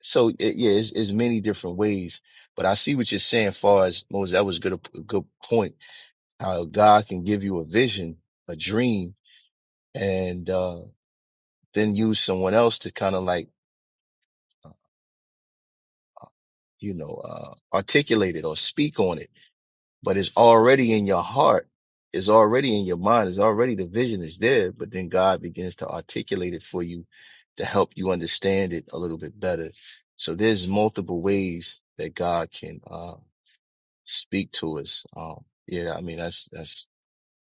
So it, yeah, it's, it's many different ways, but I see what you're saying far as Moses, that was good, a good point, how God can give you a vision, a dream and, uh, then use someone else to kind of like you know, uh, articulate it or speak on it, but it's already in your heart. It's already in your mind. It's already the vision is there, but then God begins to articulate it for you to help you understand it a little bit better. So there's multiple ways that God can, uh, speak to us. Um, yeah, I mean, that's, that's,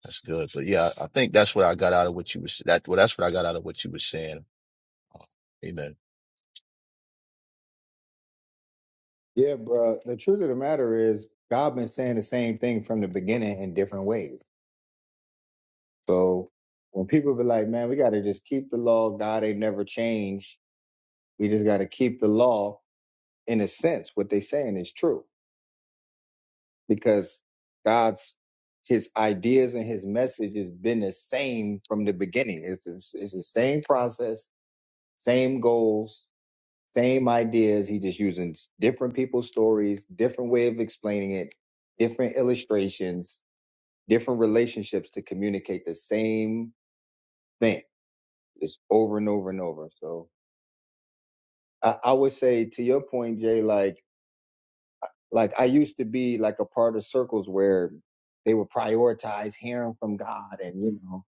that's good. But yeah, I I think that's what I got out of what you was, that, well, that's what I got out of what you were saying. Uh, amen. Yeah, bro. The truth of the matter is, God been saying the same thing from the beginning in different ways. So when people be like, "Man, we got to just keep the law. of God they never changed," We just got to keep the law in a sense. What they're saying is true because God's his ideas and his message has been the same from the beginning. It's, it's, it's the same process, same goals, same ideas. He's just using different people's stories, different way of explaining it, different illustrations, different relationships to communicate the same thing just over and over and over. So I, I would say to your point, Jay, like Like I used to be like a part of circles where they would prioritize hearing from God and, you know,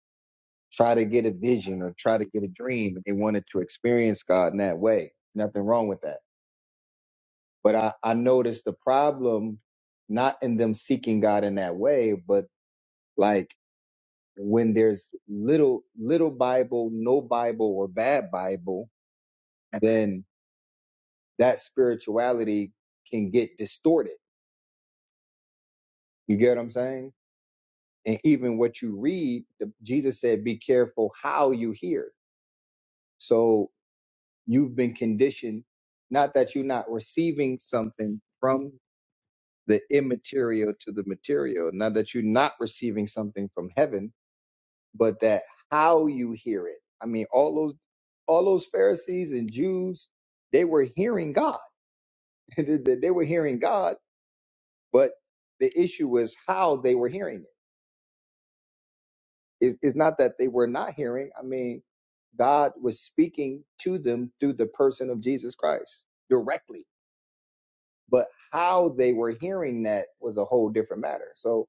try to get a vision or try to get a dream. And they wanted to experience God in that way. Nothing wrong with that. But I, I noticed the problem not in them seeking God in that way, but like when there's little little Bible, no Bible or bad Bible, then that spirituality can get distorted. You get what I'm saying? and even what you read the, jesus said be careful how you hear so you've been conditioned not that you're not receiving something from the immaterial to the material not that you're not receiving something from heaven but that how you hear it i mean all those all those pharisees and jews they were hearing god they they- they were hearing god but the issue was how they were hearing it It's, it's not that they were not hearing. I mean, God was speaking to them through the person of Jesus Christ directly. But how they were hearing that was a whole different matter. So,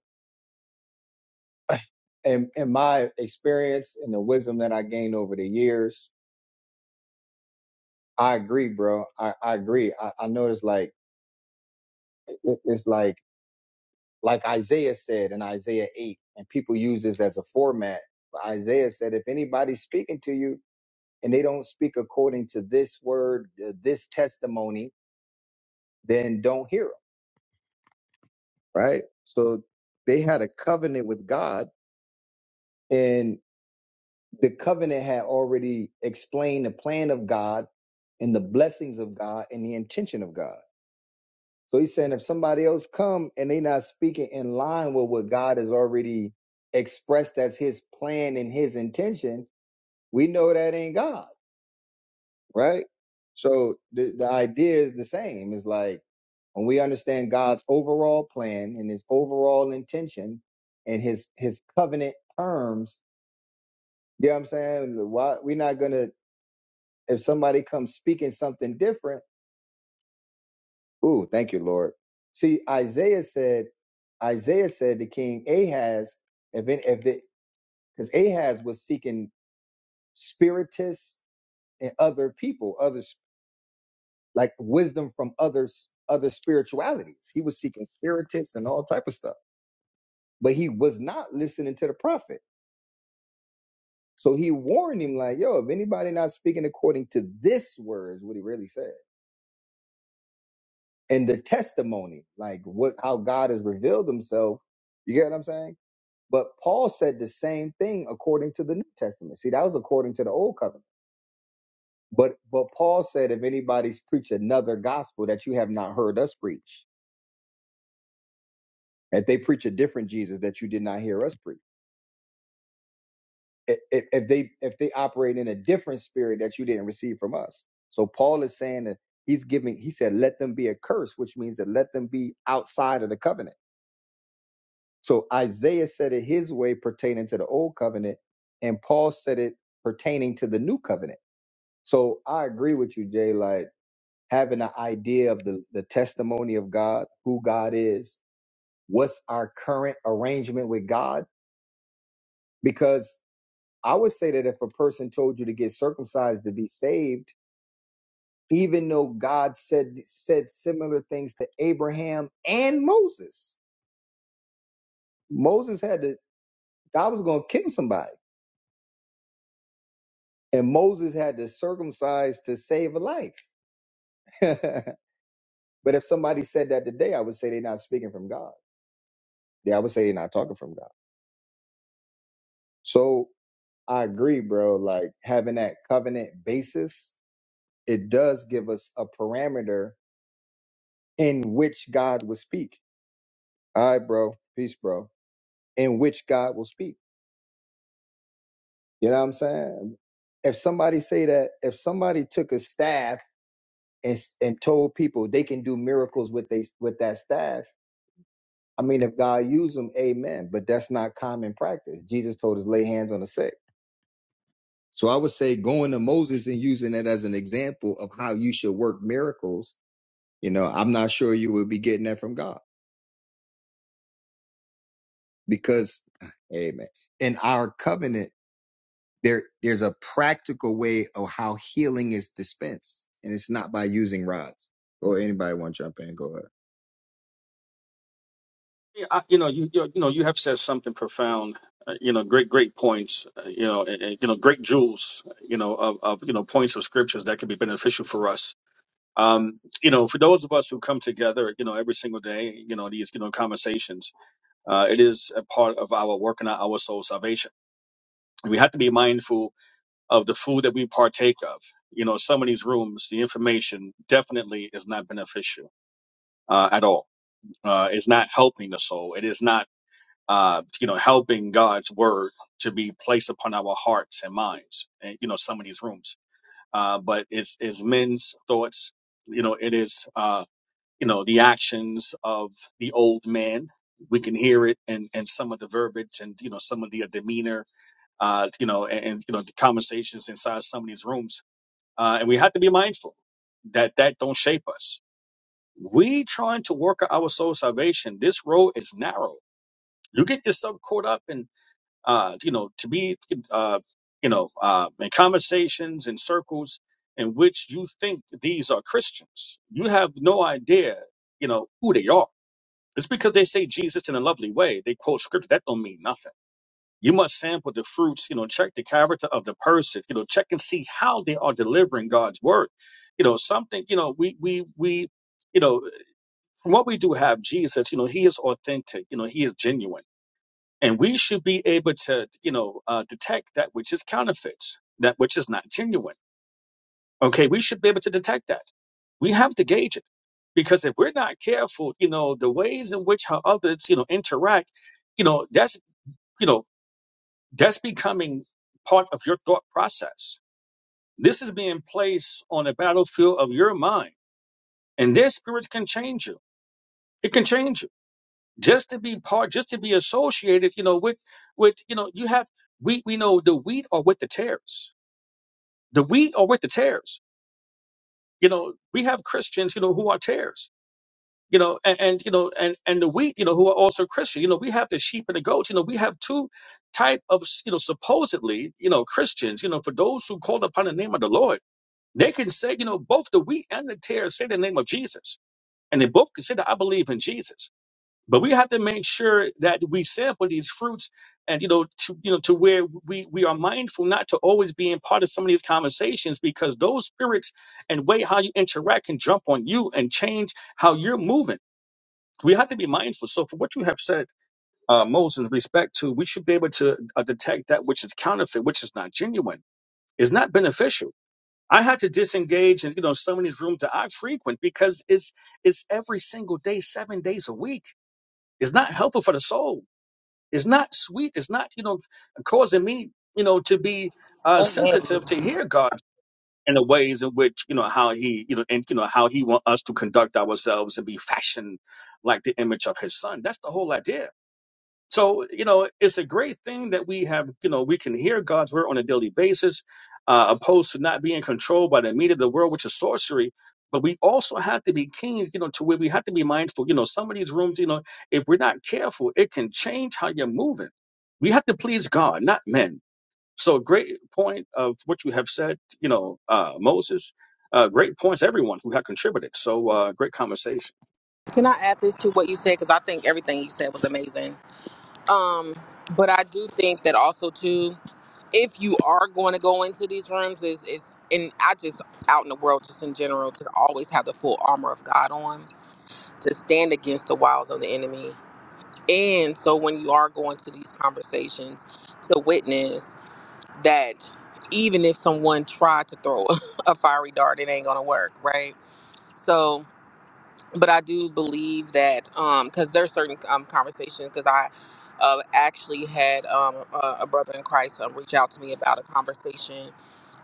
in, in my experience and the wisdom that I gained over the years, I agree, bro. I, I agree. I, I noticed like it- it's like like Isaiah said in Isaiah eight, and people use this as a format. But Isaiah said, if anybody's speaking to you, and they don't speak according to this word, uh, this testimony, then don't hear them, right? So they had a covenant with God, and the covenant had already explained the plan of God and the blessings of God and the intention of God. So he's saying if somebody else come and they not speaking in line with what God has already expressed as his plan and his intention, we know that ain't God. right? So the, the idea is the same. It's like when we understand God's overall plan and his overall intention and his his covenant terms, you know what I'm saying? Why we're not gonna if somebody comes speaking something different, ooh, thank you, Lord. See, Isaiah said, Isaiah said to King Ahaz, if it, if because Ahaz was seeking spiritists and other people, other. like wisdom from others other spiritualities he was seeking spiritists and all type of stuff but he was not listening to the prophet so he warned him like yo if anybody not speaking according to this word is what he really said and the testimony like what how god has revealed himself you get what i'm saying but paul said the same thing according to the new testament see that was according to the old covenant but but paul said if anybody's preach another gospel that you have not heard us preach that they preach a different jesus that you did not hear us preach if, if they if they operate in a different spirit that you didn't receive from us. So Paul is saying that he's giving. He said, "Let them be accursed," which means that let them be outside of the covenant. So Isaiah said it his way pertaining to the old covenant, and Paul said it pertaining to the new covenant. So I agree with you, Jay. Like having an idea of the the testimony of God, who God is, what's our current arrangement with God, because I would say that if a person told you to get circumcised to be saved even though God said said similar things to Abraham and Moses. Moses had to God was going to kill somebody, and Moses had to circumcise to save a life. but if somebody said that today, I would say they're not speaking from God. Yeah, I would say they're not talking from God. So I agree, bro. Like having that covenant basis, it does give us a parameter in which God will speak. All right, bro. Peace, bro. In which God will speak. You know what I'm saying? If somebody say that, if somebody took a staff and s- and told people they can do miracles with they with that staff, I mean, if God used them, Amen. But that's not common practice. Jesus told us lay hands on the sick. So I would say going to Moses and using it as an example of how you should work miracles. You know, I'm not sure you would be getting that from God because, Amen. In our covenant. there there's a practical way of how healing is dispensed and it's not by using rods or anybody want to jump in go ahead Yeah, I, you know, you, you you know, you have said something profound. Uh, you know, great, great points. Uh, you know, and, and, you know, great jewels. You know, of, of you know points of scriptures that can be beneficial for us. Um, you know, for those of us who come together, you know, every single day, you know, these you know conversations, uh, it is a part of our working out our soul salvation. We have to be mindful of the food that we partake of. You know, some of these rooms, the information definitely is not beneficial uh, at all. Uh, it's not helping the soul. It is not uh, you know, helping God's word to be placed upon our hearts and minds, and you know, some of these rooms. Uh, but it's, it's men's thoughts, you know, it is, uh, you know, the actions of the old man. We can hear it and, and some of the verbiage and, you know, some of the uh, demeanor, uh, you know, and, and, you know, the conversations inside some of these rooms. Uh, and we have to be mindful that that don't shape us. We trying to work out our soul salvation. This road is narrow. You get yourself caught up in uh, you know, to be, uh, you know, uh, in conversations and circles in which you think these are Christians. You have no idea, you know, who they are. It's because they say Jesus in a lovely way. They quote scripture. That don't mean nothing. You must sample the fruits, you know, check the character of the person, you know, check and see how they are delivering God's word. You know, something, you know, we, we, we, you know, from what we do have Jesus, you know, he is authentic, you know, he is genuine and we should be able to you know uh, detect that which is counterfeits that which is not genuine okay we should be able to detect that we have to gauge it because if we're not careful you know the ways in which how others you know interact you know that's you know that's becoming part of your thought process this is being placed on the battlefield of your mind and their spirits can change you it can change you just to be part, just to be associated, you know, with with you know, you have we we know the wheat are with the tares. The wheat are with the tares. You know, we have Christians, you know, who are tares. You know, and, and you know, and and the wheat, you know, who are also Christian. You know, we have the sheep and the goats. You know, we have two type of you know supposedly you know Christians. You know, for those who call upon the name of the Lord, they can say you know both the wheat and the tares say the name of Jesus, and they both can say that I believe in Jesus But we have to make sure that we sample these fruits and you know to you know to where we we are mindful not to always be in part of some of these conversations because those spirits and way how you interact can jump on you and change how you're moving. We have to be mindful. So for what you have said, uh, Moses, with respect to we should be able to uh, detect that which is counterfeit, which is not genuine, is not beneficial. I had to disengage and you know some of these rooms that I frequent because it's it's every single day, seven days a week. It's not helpful for the soul it's not sweet. It's not, you know, causing me, you know, to be uh, sensitive Can to hear God in the ways in which, you know, how he, you know, and, you know, how he want us to conduct ourselves and be fashioned like the image of his son. That's the whole idea so, you know, it's a great thing that we have, you know, we can hear God's word on a daily basis, uh, opposed to not being controlled by the meat of the world, which is sorcery. But we also have to be keen, you know, to where we have to be mindful. You know, some of these rooms, you know, if we're not careful, it can change how you're moving. We have to please God, not men. So, great point of what you have said, you know, uh, Moses. Uh, great points, everyone who have contributed. So, uh, great conversation. I add this to what you said? Because I think everything you said was amazing. Um, but I do think that also too, if you are going to go into these rooms, is is and I just out in the world, just in general, to always have the full armor of God on to stand against the wiles of the enemy. And so when you are going to these conversations, to witness that even if someone tried to throw a fiery dart, it ain't gonna work, right? So but I do believe that because there's certain um, conversations because I uh, actually had um, a, a brother in Christ um, reach out to me about a conversation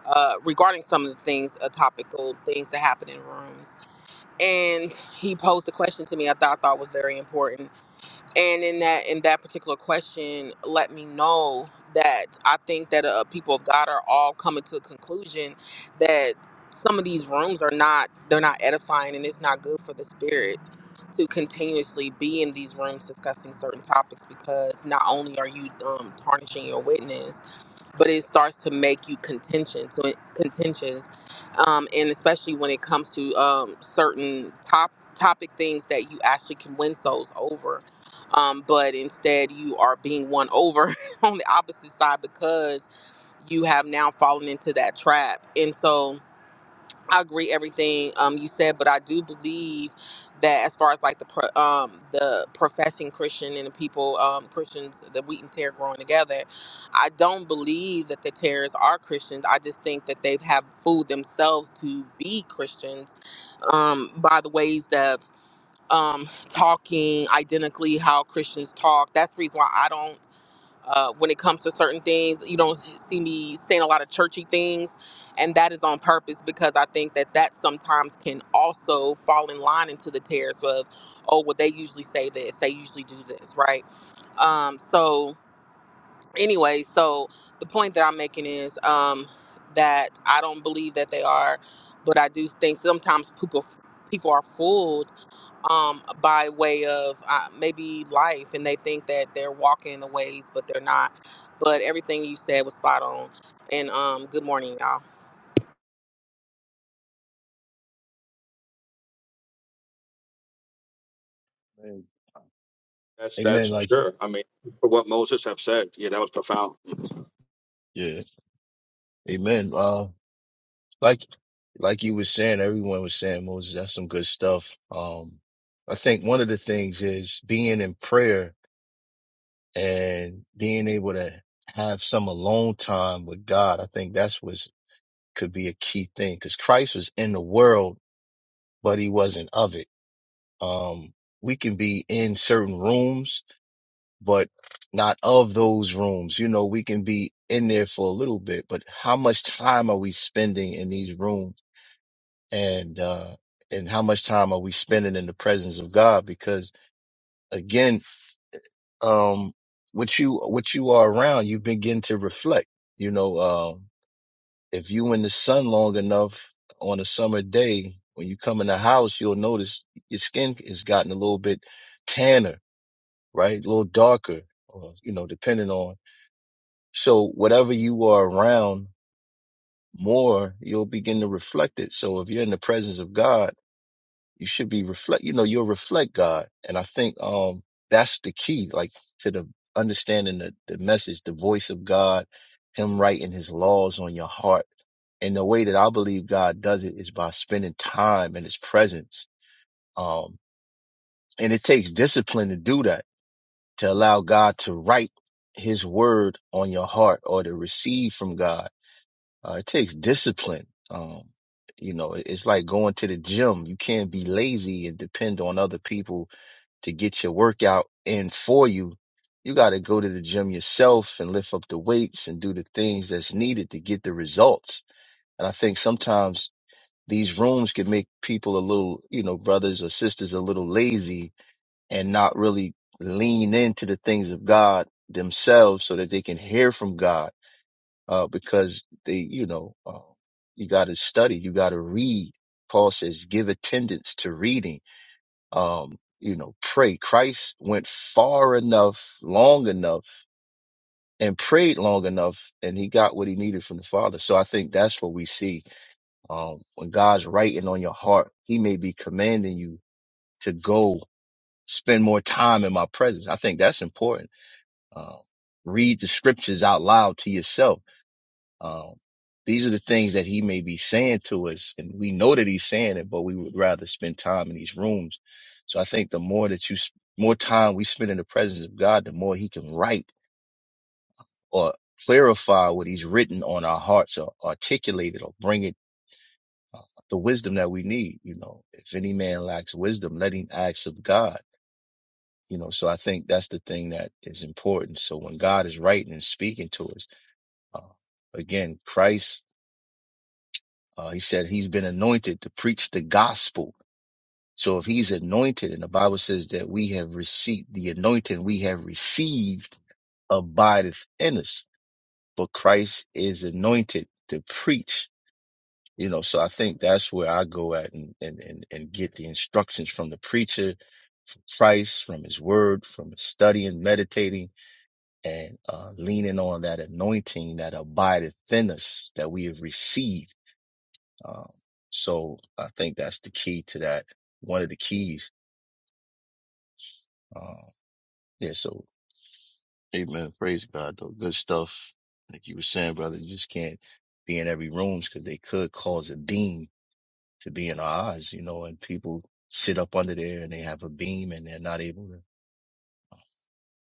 uh, regarding some of the things, uh, topical things that happen in rooms, and he posed a question to me I thought I thought was very important and in that in that particular question let me know that i think that uh, people of god are all coming to a conclusion that some of these rooms are not they're not edifying and it's not good for the spirit to continuously be in these rooms discussing certain topics because not only are you um, tarnishing your witness but it starts to make you contentious when contentious um, and especially when it comes to um, certain top topic things that you actually can win souls over um, but instead you are being won over on the opposite side because you have now fallen into that trap and so I agree everything um you said, but I do believe that as far as like the pro, um the professing Christian and the people um Christians the wheat and tear growing together, I don't believe that the tares are Christians. I just think that they have fooled themselves to be Christians um by the ways that um talking identically how Christians talk. That's the reason why I don't uh, when it comes to certain things. You don't see me saying a lot of churchy things, and that is on purpose because I think that that sometimes can also fall in line into the tears of, oh, well, they usually say this, they usually do this, right? Um, so anyway, so the point that I'm making is um, that I don't believe that they are, but I do think sometimes people people are fooled um, by way of uh, maybe life, and they think that they're walking the ways, but they're not. But everything you said was spot on. And um, good morning, y'all. Amen. That's Amen. that's Like, sure. I mean, for what Moses have said, yeah, that was profound. yeah. Amen. Uh, like like you were saying, everyone was saying, Moses, that's some good stuff. Um, I think one of the things is being in prayer and being able to have some alone time with God. I think that's what could be a key thing because Christ was in the world, but he wasn't of it. Um, we can be in certain rooms, but not of those rooms. You know, we can be in there for a little bit, but how much time are we spending in these rooms? and uh and how much time are we spending in the presence of God because again um what you what you are around you begin to reflect you know um if you in the sun long enough on a summer day when you come in the house you'll notice your skin has gotten a little bit tanner right a little darker or, you know depending on so whatever you are around more you'll begin to reflect it so if you're in the presence of God you should be reflect you know you'll reflect god and i think um that's the key like to the understanding the, the message the voice of god him writing his laws on your heart and the way that i believe god does it is by spending time in his presence um and it takes discipline to do that to allow god to write his word on your heart or to receive from god uh, it takes discipline um you know, it- it's like going to the gym. You can't be lazy and depend on other people to get your workout in for you. You got to go to the gym yourself and lift up the weights and do the things that's needed to get the results. And I think sometimes these rooms can make people a little, you know, brothers or sisters a little lazy and not really lean into the things of God themselves so that they can hear from God. Uh, because they, you know, uh, you got to study, you got to read. Paul says, give attendance to reading um, you know, pray. Christ went far enough, long enough, and prayed long enough, and he got what he needed from the Father. So I think that's what we see. Um, when God's writing on your heart, he may be commanding you to go spend more time in my presence. I think that's important. Um, read the scriptures out loud to yourself um, these are the things that he may be saying to us, and we know that he's saying it, but we would rather spend time in these rooms. So I think the more that you, s- more time we spend in the presence of God, the more he can write or clarify what he's written on our hearts or articulate it or bring it uh, the wisdom that we need. You know, if any man lacks wisdom, let him ask of God. You know, so I think that's the thing that is important. So when God is writing and speaking to us, uh, again, Christ Uh, he said he's been anointed to preach the gospel. So if he's anointed, and the Bible says that we have received the anointing we have received abideth in us, but Christ is anointed to preach. You know, so I think that's where I go at and, and, and, and get the instructions from the preacher, from Christ, from his word, from his studying, meditating, and uh, leaning on that anointing that abideth in us that we have received Um, so I think that's the key to that. One of the keys. Um, yeah. So amen. Praise God though. Good stuff. Like you were saying, brother, you just can't be in every rooms because they could cause a beam to be in our eyes, you know, and people sit up under there and they have a beam and they're not able to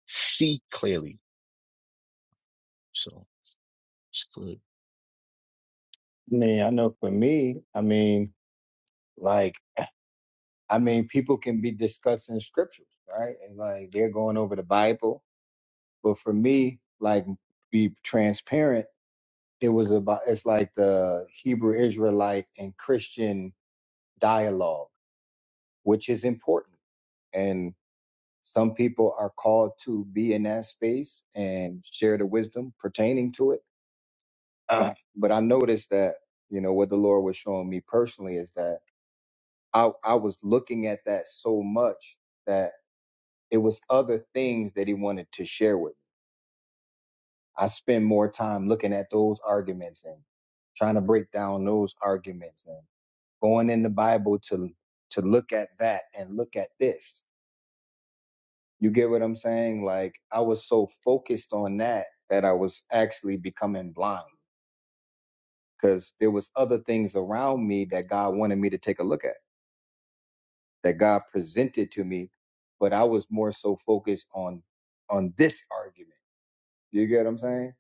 see clearly. So it's good. Man, I know for me, I mean, like, I mean, people can be discussing scriptures, right? And like they're going over the Bible. But for me, like, be transparent, it was about, it's like the Hebrew Israelite and Christian dialogue, which is important. and. Some people are called to be in that space and share the wisdom pertaining to it. Uh, but I noticed that, you know, what the Lord was showing me personally is that I, I was looking at that so much that it was other things that he wanted to share with me. I spend more time looking at those arguments and trying to break down those arguments and going in the Bible to to look at that and look at this You get what I'm saying? Like I was so focused on that that I was actually becoming blind because there was other things around me that God wanted me to take a look at, that God presented to me, but I was more so focused on on this argument. You get what I'm saying?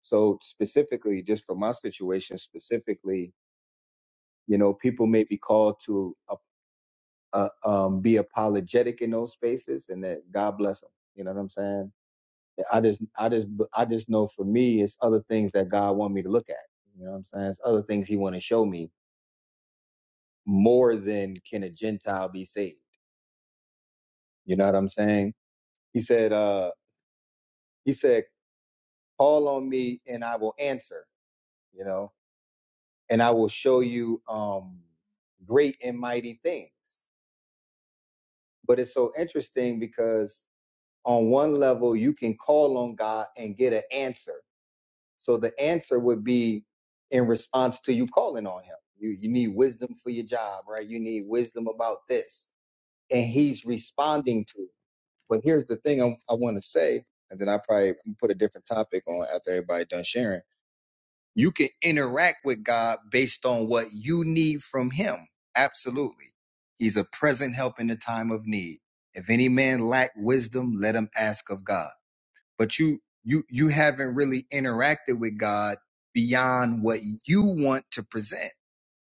So specifically, just for my situation specifically, you know, people may be called to uh, uh, um, be apologetic in those spaces, and that God bless them. You know what I'm saying? I just, I just, I just know for me, it's other things that God want me to look at. You know what I'm saying? It's other things He want to show me more than can a Gentile be saved. You know what I'm saying? He said, uh, He said, call on me and I will answer. You know, and I will show you um, great and mighty things. But it's so interesting because on one level you can call on God and get an answer So the answer would be in response to you calling on him. You you need wisdom for your job, right? You need wisdom about this. And he's responding to it. But here's the thing I, I want to say, and then I probably put a different topic on after everybody done sharing. You can interact with God based on what you need from him. Absolutely. He's a present help in the time of need. If any man lack wisdom, let him ask of God but you you you haven't really interacted with God beyond what you want to present.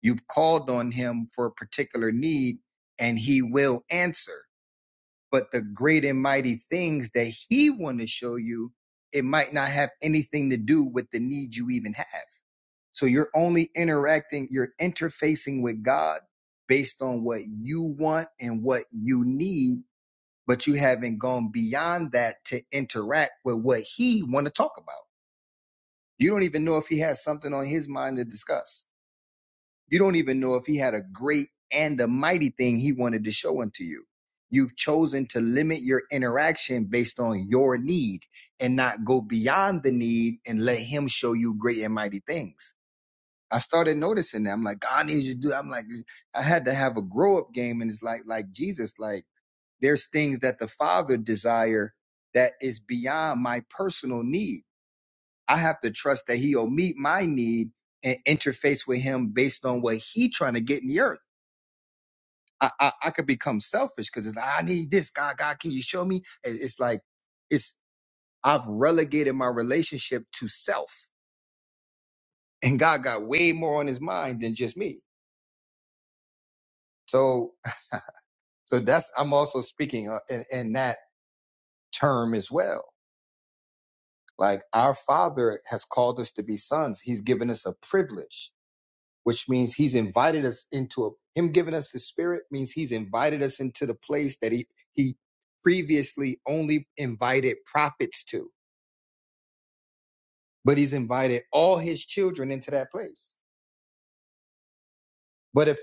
You've called on him for a particular need and he will answer. But the great and mighty things that he want to show you, it might not have anything to do with the need you even have. So you're only interacting, you're interfacing with God based on what you want and what you need, but you haven't gone beyond that to interact with what he want to talk about. You don't even know if he has something on his mind to discuss. You don't even know if he had a great and a mighty thing he wanted to show unto you. You've chosen to limit your interaction based on your need and not go beyond the need and let him show you great and mighty things. I started noticing that. I'm like, God needs you to do. I'm like, I had to have a grow up game. And it's like, like Jesus, like there's things that the father desire that is beyond my personal need I have to trust that he'll meet my need and interface with him based on what he trying to get in the earth. I I, I could become selfish because it's like, I need this. God, God, can you show me? And It's like it's I've relegated my relationship to self. And God got way more on his mind than just me. So so that's I'm also speaking uh, in, in that term as well. Like our father has called us to be sons. He's given us a privilege which means he's invited us into a him giving us the spirit means he's invited us into the place that he he previously only invited prophets to but he's invited all his children into that place but if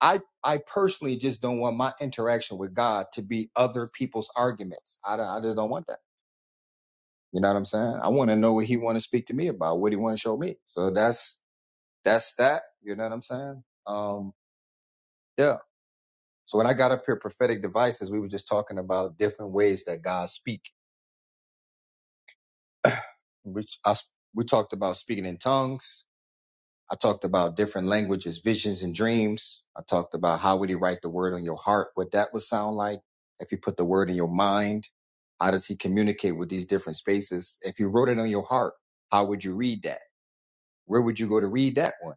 i i personally just don't want my interaction with god to be other people's arguments i, don't- I just don't want that you know what i'm saying i want to know what he want to speak to me about what he want to show me so that's that's that you know what i'm saying um yeah So when I got up here, prophetic devices, we were just talking about different ways that God speak. Which I, s- we talked about speaking in tongues. I talked about different languages, visions and dreams. I talked about how would he write the word on your heart, what that would sound like if you put the word in your mind. How does he communicate with these different spaces? If you wrote it on your heart, how would you read that? Where would you go to read that one?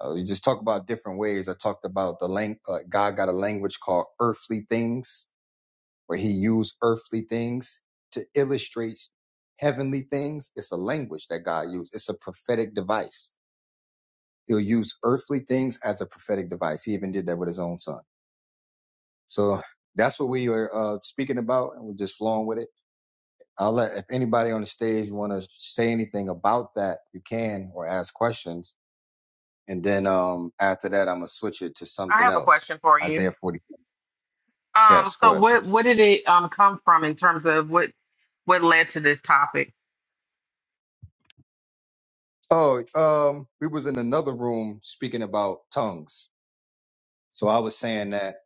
Uh, you just talk about different ways. I talked about the lang- uh, God got a language called earthly things where he used earthly things to illustrate heavenly things. It's a language that God used. It's a prophetic device. He'll use earthly things as a prophetic device. He even did that with his own son. So that's what we are uh, speaking about, and we're just flowing with it. I'll let if anybody on the stage want to say anything about that, you can or ask questions. And then um, after that, I'm gonna switch it to I something have a else. question for you. Isaiah 40. Um, Yes, go so ahead. what sis. what did it um come from in terms of what what led to it? Oh, um, we was in another room speaking about tongues So I was saying that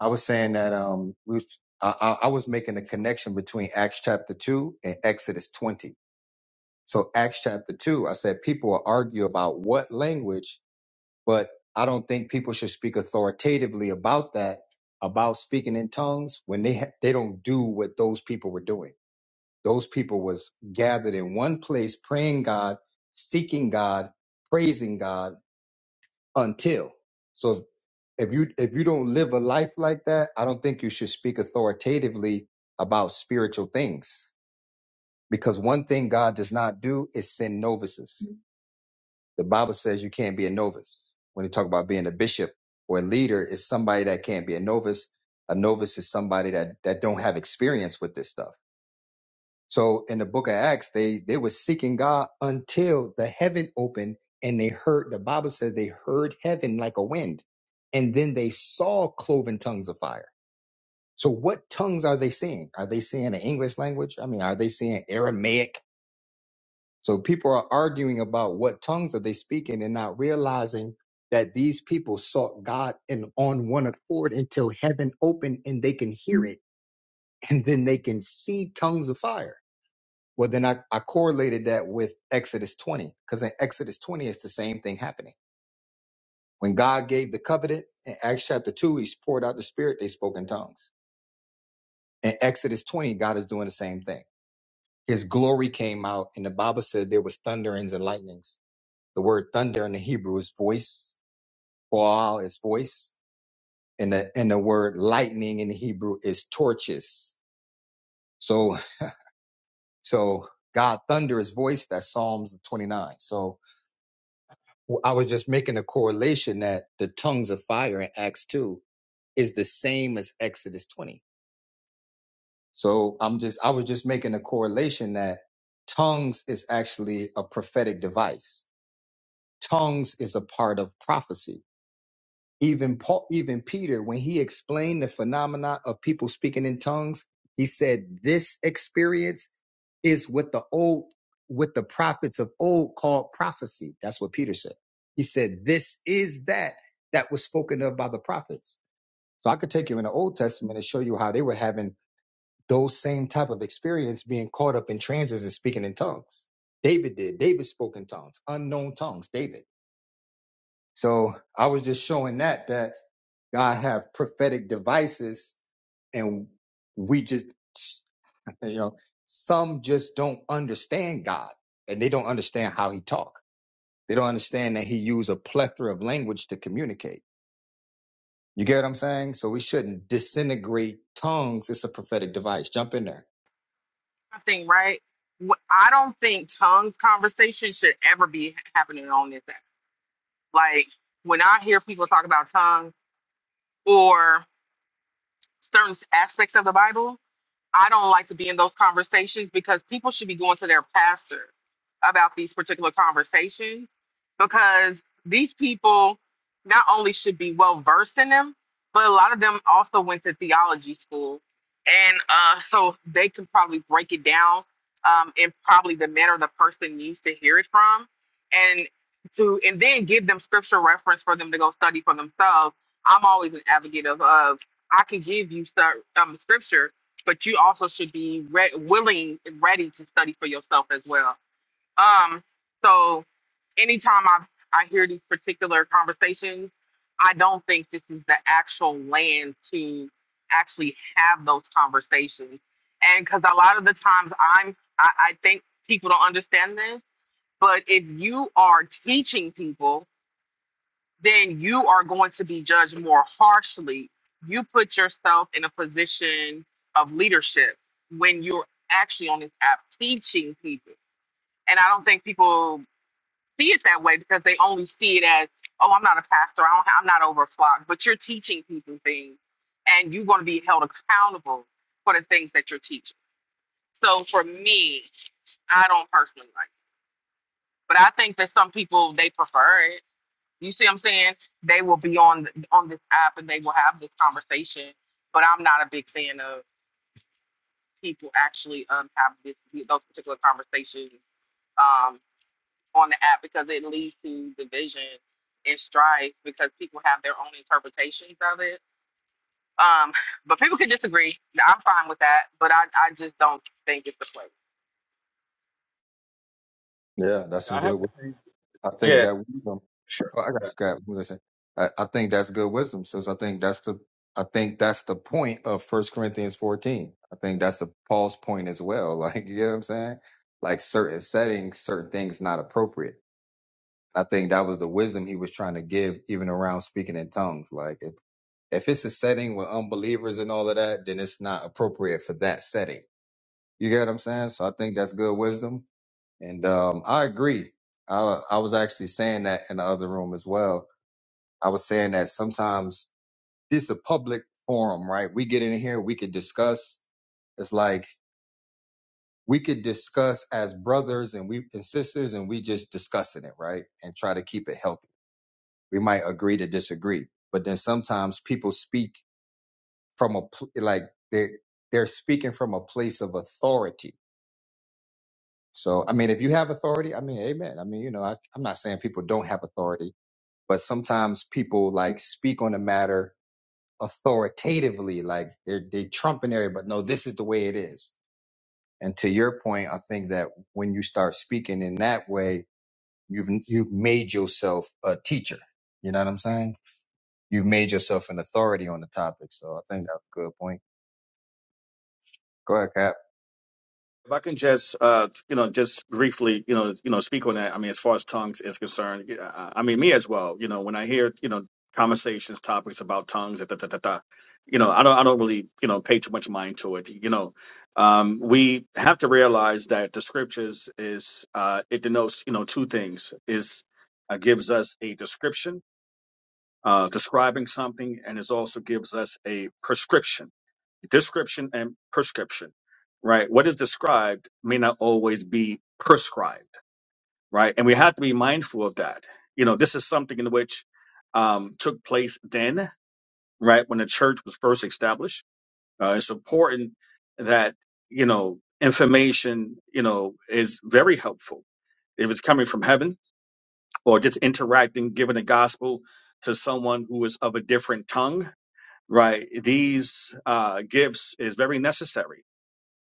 I was saying that um we was, I, I was making a connection between Acts chapter two and Exodus twenty. So Acts chapter two, I said people will argue about what language, but I don't think people should speak authoritatively about that about speaking in tongues when they ha- they don't do what those people were doing. Those people was gathered in one place, praying God, seeking God, praising God until. so. if if you if you don't live a life like that, I don't think you should speak authoritatively about spiritual things. Because one thing God does not do is send novices. The Bible says you can't be a novice. When you talk about being a bishop or a leader, is somebody that can't be a novice. A novice is somebody that that don't have experience with this stuff. So in the book of Acts, they they were seeking God until the heaven opened and they heard the Bible says they heard heaven like a wind. And then they saw cloven tongues of fire So what tongues are they seeing? Are they seeing the English language? I mean, are they seeing Aramaic? So people are arguing about what tongues are they speaking and not realizing that these people sought God and on one accord until heaven opened and they can hear it and then they can see tongues of fire. Well, then I, I correlated that with Exodus 20 because in Exodus 20, it's the same thing happening. When God gave the covenant in Acts chapter 2, he's poured out the spirit, they spoke in tongues. In Exodus 20, God is doing the same thing. His glory came out, and the Bible said there was thunderings and lightnings. The word thunder in the Hebrew is voice, baal is voice, and the and the word lightning in the Hebrew is torches. So so God thunder his voice, that's Psalms 29. So I was just making a correlation that the tongues of fire in Acts 2 is the same as Exodus 20. So I'm just I was just making a correlation that tongues is actually a prophetic device tongues is a part of prophecy. Even Paul, even Peter, when he explained the phenomena of people speaking in tongues, he said this experience is what the old, what the prophets of old called prophecy. That's what Peter said. He said this is that that was spoken of by the prophets. So I could take you in the Old Testament and show you how they were having those same type of experience being caught up in trances and speaking in tongues. David did. David spoke in tongues, unknown tongues. David. So I was just showing that that God have prophetic devices, and we just you know some just don't understand God, and they don't understand how He talk. They don't understand that He use a plethora of language to communicate. You get what I'm saying? So we shouldn't disintegrate tongues. It's a prophetic device. Jump in there. Nothing, right? Wh- I don't think tongues conversation should ever be ha- happening on this app. Like when I hear people talk about tongues or certain s- aspects of the Bible, I don't like to be in those conversations because people should be going to their pastor about these particular conversations because these people not only should be well versed in them, but a lot of them also went to theology school. And uh, so they can probably break it down um, in probably the manner the person needs to hear it from. And to and then give them scripture reference for them to go study for themselves. I'm always an advocate of, of I can give you cer- um, scripture but you also should be re- willing and ready to study for yourself as well. Um, so anytime I I hear these particular conversations, I don't think this is the actual land to actually have those conversations. And because a lot of the times I'm, I, I think people don't understand this, but if you are teaching people then you are going to be judged more harshly. You put yourself in a position of leadership when you're actually on this app teaching people. And I don't think people see it that way because they only see it as, oh, I'm not a pastor. I don't, I'm not over a flock. But you're teaching people things and you're going to be held accountable for the things that you're teaching. So for me, I don't personally like it. But I think that some people, they prefer it You see what I'm saying? They will be on th- on this app and they will have this conversation. But I'm not a big fan of people actually um have this those particular conversations um on the app because it leads to division and strife because people have their own interpretations of it. Um, but people can disagree. I'm fine with that, but I, I just don't think it's the place. Yeah, that's Yeah, some I have. good. I think Yeah, that. sure. Oh, I got you. Yeah. Got what I, I think that's good wisdom. So I think that's the I think that's the point of First Corinthians 14. I think that's the Paul's point as well. Like you know what I'm saying? Like certain settings, certain things not appropriate. I think that was the wisdom he was trying to give, even around speaking in tongues. Like if if it's a setting with unbelievers and all of that, then it's not appropriate for that setting. You get what I'm saying? So I think that's good wisdom, and um, I agree. I I was actually saying that in the other room as well I was saying that sometimes this is a public forum, right? We get in here, we could discuss. It's like we could discuss as brothers and we and sisters, and we just discussing it, right? And try to keep it healthy. We might agree to disagree, but then sometimes people speak from a pl- like they they're speaking from a place of authority. So I mean, if you have authority, I mean, amen. I mean, you know, I, I'm not saying people don't have authority, but sometimes people like speak on a matter authoritatively, like they're they trumping everybody. No, this is the way it is. And to your point, I think that when you start speaking in that way, you've you've made yourself a teacher. You know what I'm saying? You've made yourself an authority on the topic. So I think that's a good point. Go ahead, Cap. If I can just, uh, you know, just briefly, you know, you know, speak on that. I mean, as far as tongues is concerned, yeah, I I mean, me as well. You know, when I hear, you know, conversations, topics about tongues, da, da, da, da, da, you know, I don't, I don't really, you know, pay too much mind to it. You know, um, we have to realize that the scriptures is, uh, it denotes, you know, two things. Is uh, gives us a description uh, describing something, and it also gives us a prescription, description, and prescription, right? What is described may not always be prescribed, right? And we have to be mindful of that. You know, this is something in which um, took place then, right, when the church was first established. Uh, it's important that, you know, information, you know, is very helpful. If it's coming from heaven or just interacting, giving the gospel to someone who is of a different tongue, right these uh gifts is very necessary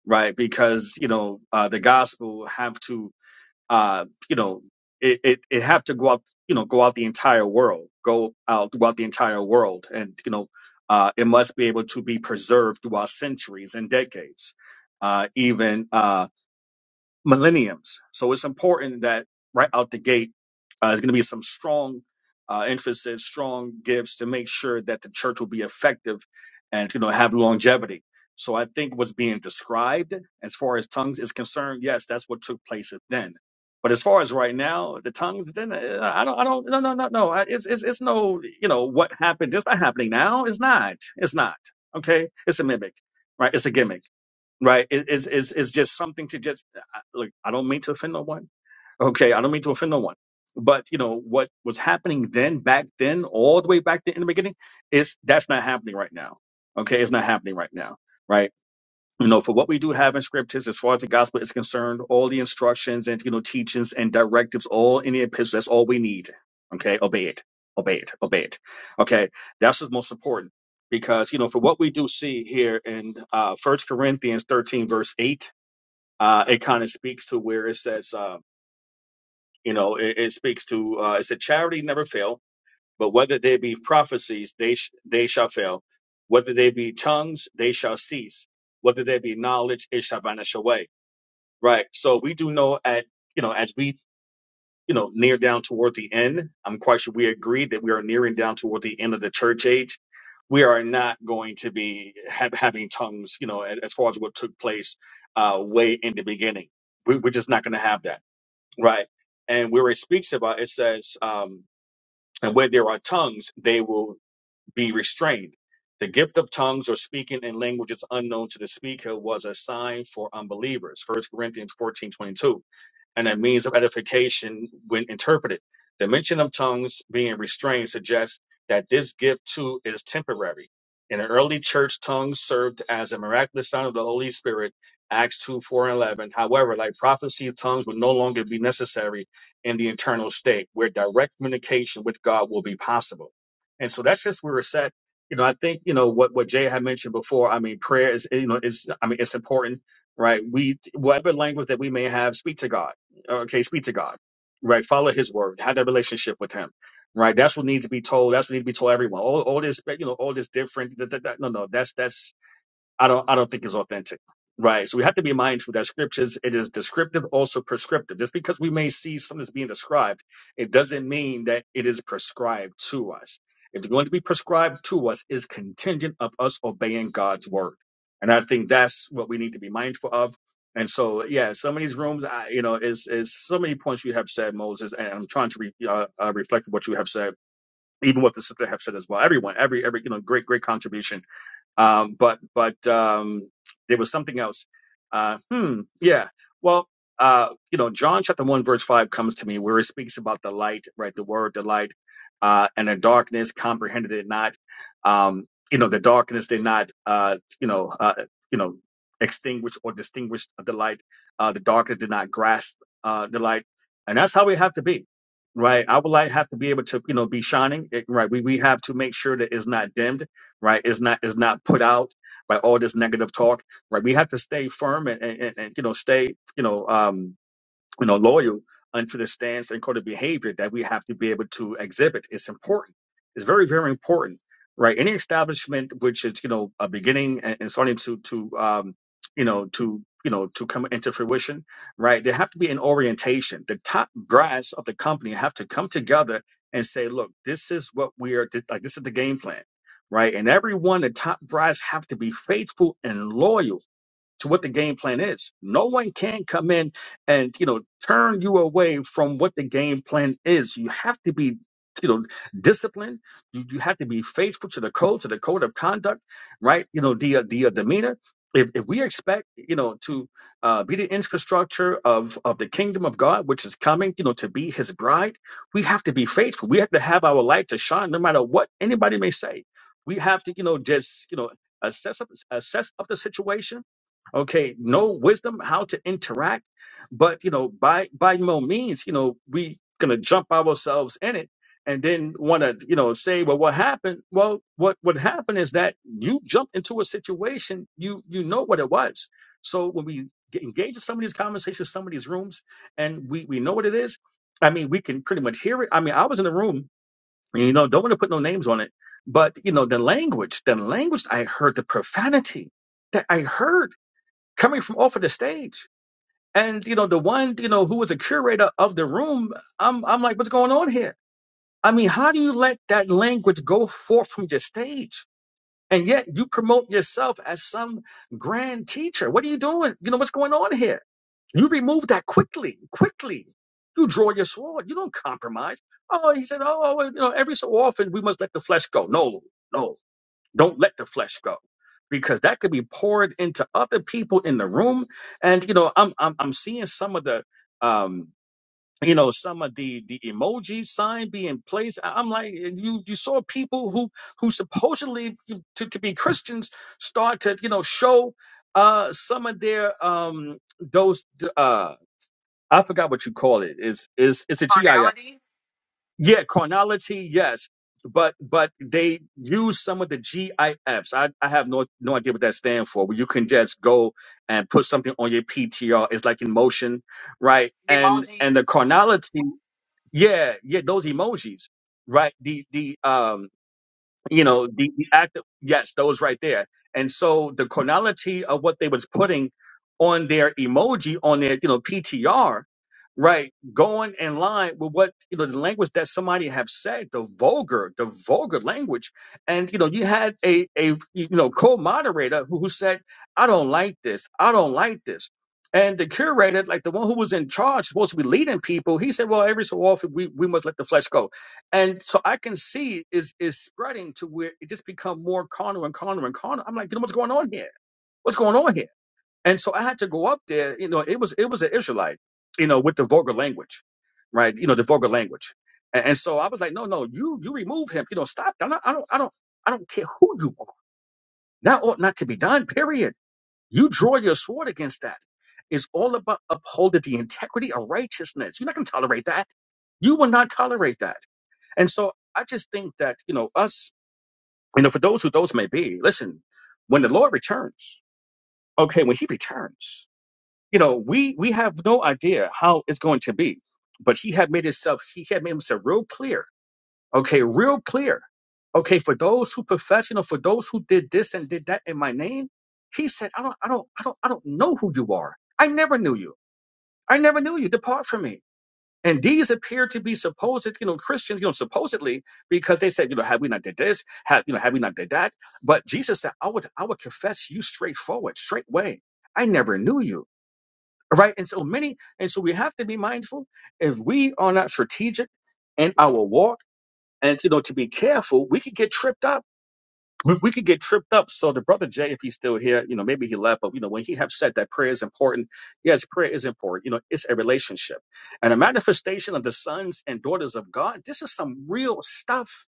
right because you know uh the gospel have to uh you know it, it it have to go out you know go out the entire world go out throughout the entire world and you know uh it must be able to be preserved throughout centuries and decades uh even uh, millenniums. So it's important that right out the gate, uh, there's going to be some strong uh, emphasis, strong gifts to make sure that the church will be effective and you know have longevity. So I think what's being described as far as tongues is concerned, yes, that's what took place then. But as far as right now, the tongues, then uh, I don't, I don't, no, no, no, no. I- It's, it's, it's no, you know, what happened? It's not happening now. It's not. It's not. Okay. It's a mimic, right? It's a gimmick right? It, it's, it's, it's just something to just I- look. I don't mean to offend no one. Okay, I don't mean to offend no one. But you know what was happening then, back then, all the way back then in the beginning, is that's not happening right now. Okay, it's not happening right now, right? you know, for what we do have in scriptures, as far as the gospel is concerned, all the instructions and, you know, teachings and directives, all in the epistle that's all we need. Okay. Obey it. Obey it. Obey it. Okay. That's what's most important because, you know, for what we do see here in, uh, first Corinthians 13 verse eight, uh, it kind of speaks to where it says, uh, you know, it, it speaks to, uh, it said charity never fail but whether they be prophecies, they, sh- they shall fail. Whether they be tongues, they shall cease. Whether they be knowledge, it shall vanish away. Right. So we do know at, you know, as we, you know, near down toward the end, I'm quite sure we agree that we are nearing down toward the end of the church age. We are not going to be ha- having tongues, you know, as, as far as what took place uh, way in the beginning. We, we're just not going to have that. Right. And where it speaks about, it says, um, and where there are tongues, they will be restrained. The gift of tongues or speaking in languages unknown to the speaker was a sign for unbelievers. First Corinthians 14 22 and a means of edification when interpreted. The mention of tongues being restrained suggests that this gift too is temporary. In the early church, tongues served as a miraculous sign of the Holy Spirit, Acts 2 4 and 11. However, like prophecy, tongues will no longer be necessary in the internal state where direct communication with God will be possible. And so that's just where we're set. You know, I think, you know, what, what Jay had mentioned before, I mean, prayer is, you know, is, I mean, it's important, right? We, whatever language that we may have, speak to God okay, speak to God, right? Follow His word, have that relationship with Him, right? That's what needs to be told. That's what needs to be told everyone. All, all this, you know, all this different. da- da- da- No, no, that's that's I don't I don't think is authentic. Right. So we have to be mindful that scriptures it is descriptive, also prescriptive. Just because we may see something that's being described, it doesn't mean that it is prescribed to us. If It's going to be prescribed to us is contingent of us obeying God's word. And I think that's what we need to be mindful of. And so, yeah, some of these rooms, I, you know, is is so many points you have said, Moses, and I'm trying to re, uh, uh, reflect what you have said, even what the sister have said as well. Everyone, every every, you know, great great contribution um, but but um, there was something else. Uh, hmm. Yeah. Well, uh, you know, John chapter one verse five comes to me where it speaks about the light, right? The word, the light, uh, and the darkness comprehended it not. Um, you know, the darkness did not, uh, you know, uh, you know, extinguish or distinguish the light. Uh, the darkness did not grasp uh, the light, and that's how we have to be. Right, our light have to be able to, you know, be shining. It- Right, we we have to make sure that it's not dimmed right? It's not is not put out by all this negative talk, right? We have to stay firm and, and, and you know stay you know um, you know, loyal unto the stance and code of behavior that we have to be able to exhibit. It's important. It's very, very important, right? Any establishment which is, you know, a beginning and, and starting to, to, um, you know, to, you know, to come into fruition, right? There have to be an orientation. The top brass of the company have to come together and say, look, this is what we are, like, this is the game plan, right? And everyone, the top brass have to be faithful and loyal to what the game plan is. No one can come in and you know turn you away from what the game plan is. You have to be you know disciplined. You, you have to be faithful to the code, to the code of conduct, right? You know the uh, the uh, demeanor. If, if we expect you know to uh, be the infrastructure of of the kingdom of God, which is coming, you know, to be His bride, we have to be faithful. We have to have our light to shine, no matter what anybody may say. We have to you know just you know assess up, assess up the situation okay no wisdom how to interact but you know by by no means you know we gonna jump ourselves in it and then want to you know say well what happened well what what happened is that you jumped into a situation you you know what it was so when we get engaged in some of these conversations some of these rooms and we we know what it is i mean we can pretty much hear it i mean i was in the room you know don't want to put no names on it but you know the language the language i heard the profanity that i heard coming from off of the stage. And you know, the one you know who was a curator of the room, I'm I'm like, what's going on here? I mean, how do you let that language go forth from your stage? And yet you promote yourself as some grand teacher. What are you doing? You know, what's going on here? You remove that quickly, quickly. You draw your sword. You don't compromise. Oh, he said, oh, well, you know, every so often we must let the flesh go. No, no. Don't let the flesh go because that could be poured into other people in the room. And you know, I'm I'm, I'm seeing some of the um you know some of the the emoji sign being placed I- i'm like you you saw people who who supposedly to, to be christians start to you know show uh some of their um those uh i forgot what you call it is is it's it's- it's a gif Carnality, yeah, carnality, yes. But but they use some of the GIFs. I, I have no no idea what that stands for, but you can just go and put something on your PTR. It's like in motion, right? the And and emojis. the carnality, yeah, yeah, those emojis, right? The the um you know the, the act of, yes those right there and so the chronality of what they was putting on their emoji on their you know ptr right going in line with what you know the language that somebody have said the vulgar the vulgar language and you know you had a a you know co-moderator who, who said i don't like this i don't like this and the curator like the one who was in charge supposed to be leading people he said well every so often we, we must let the flesh go and so I can see is is spreading to where it just become more carnal and carnal and carnal. I'm like, you know what's going on here? What's going on here? And so I had to go up there. You know, it was it was an Israelite, you know, with the vulgar language, right? You know, the vulgar language. And, and so I was like, no, no, you you remove him. You know, stop. I'm not, I don't I don't I don't care who you are. That ought not to be done. Period. You draw your sword against that. It's all about upholding the integrity of righteousness. You're not going to tolerate that. You will not tolerate that. And so I just think that, you know, us, you know, for those who those may be, listen, when the Lord returns, okay, when he returns, you know, we we have no idea how it's going to be. But he had made himself, he had made himself real clear. Okay, real clear. Okay, for those who profess, you know, for those who did this and did that in my name, he said, I don't, I don't, I don't, I don't know who you are. I never knew you. I never knew you. Depart from me. And these appear to be supposed, you know, Christians, you know, supposedly, because they said, you know, have we not did this? Have you know, have we not did that? But Jesus said, I would, I would confess you straightforward, straightway. I never knew you. All right. And so many, and so we have to be mindful if we are not strategic in our walk and you know to be careful, we could get tripped up we, we could get tripped up. So the brother Jay, if he's still here, you know, maybe he left, but you know, when he have said that prayer is important, yes, prayer is important. You know, it's a relationship and a manifestation of the sons and daughters of God. This is some real stuff.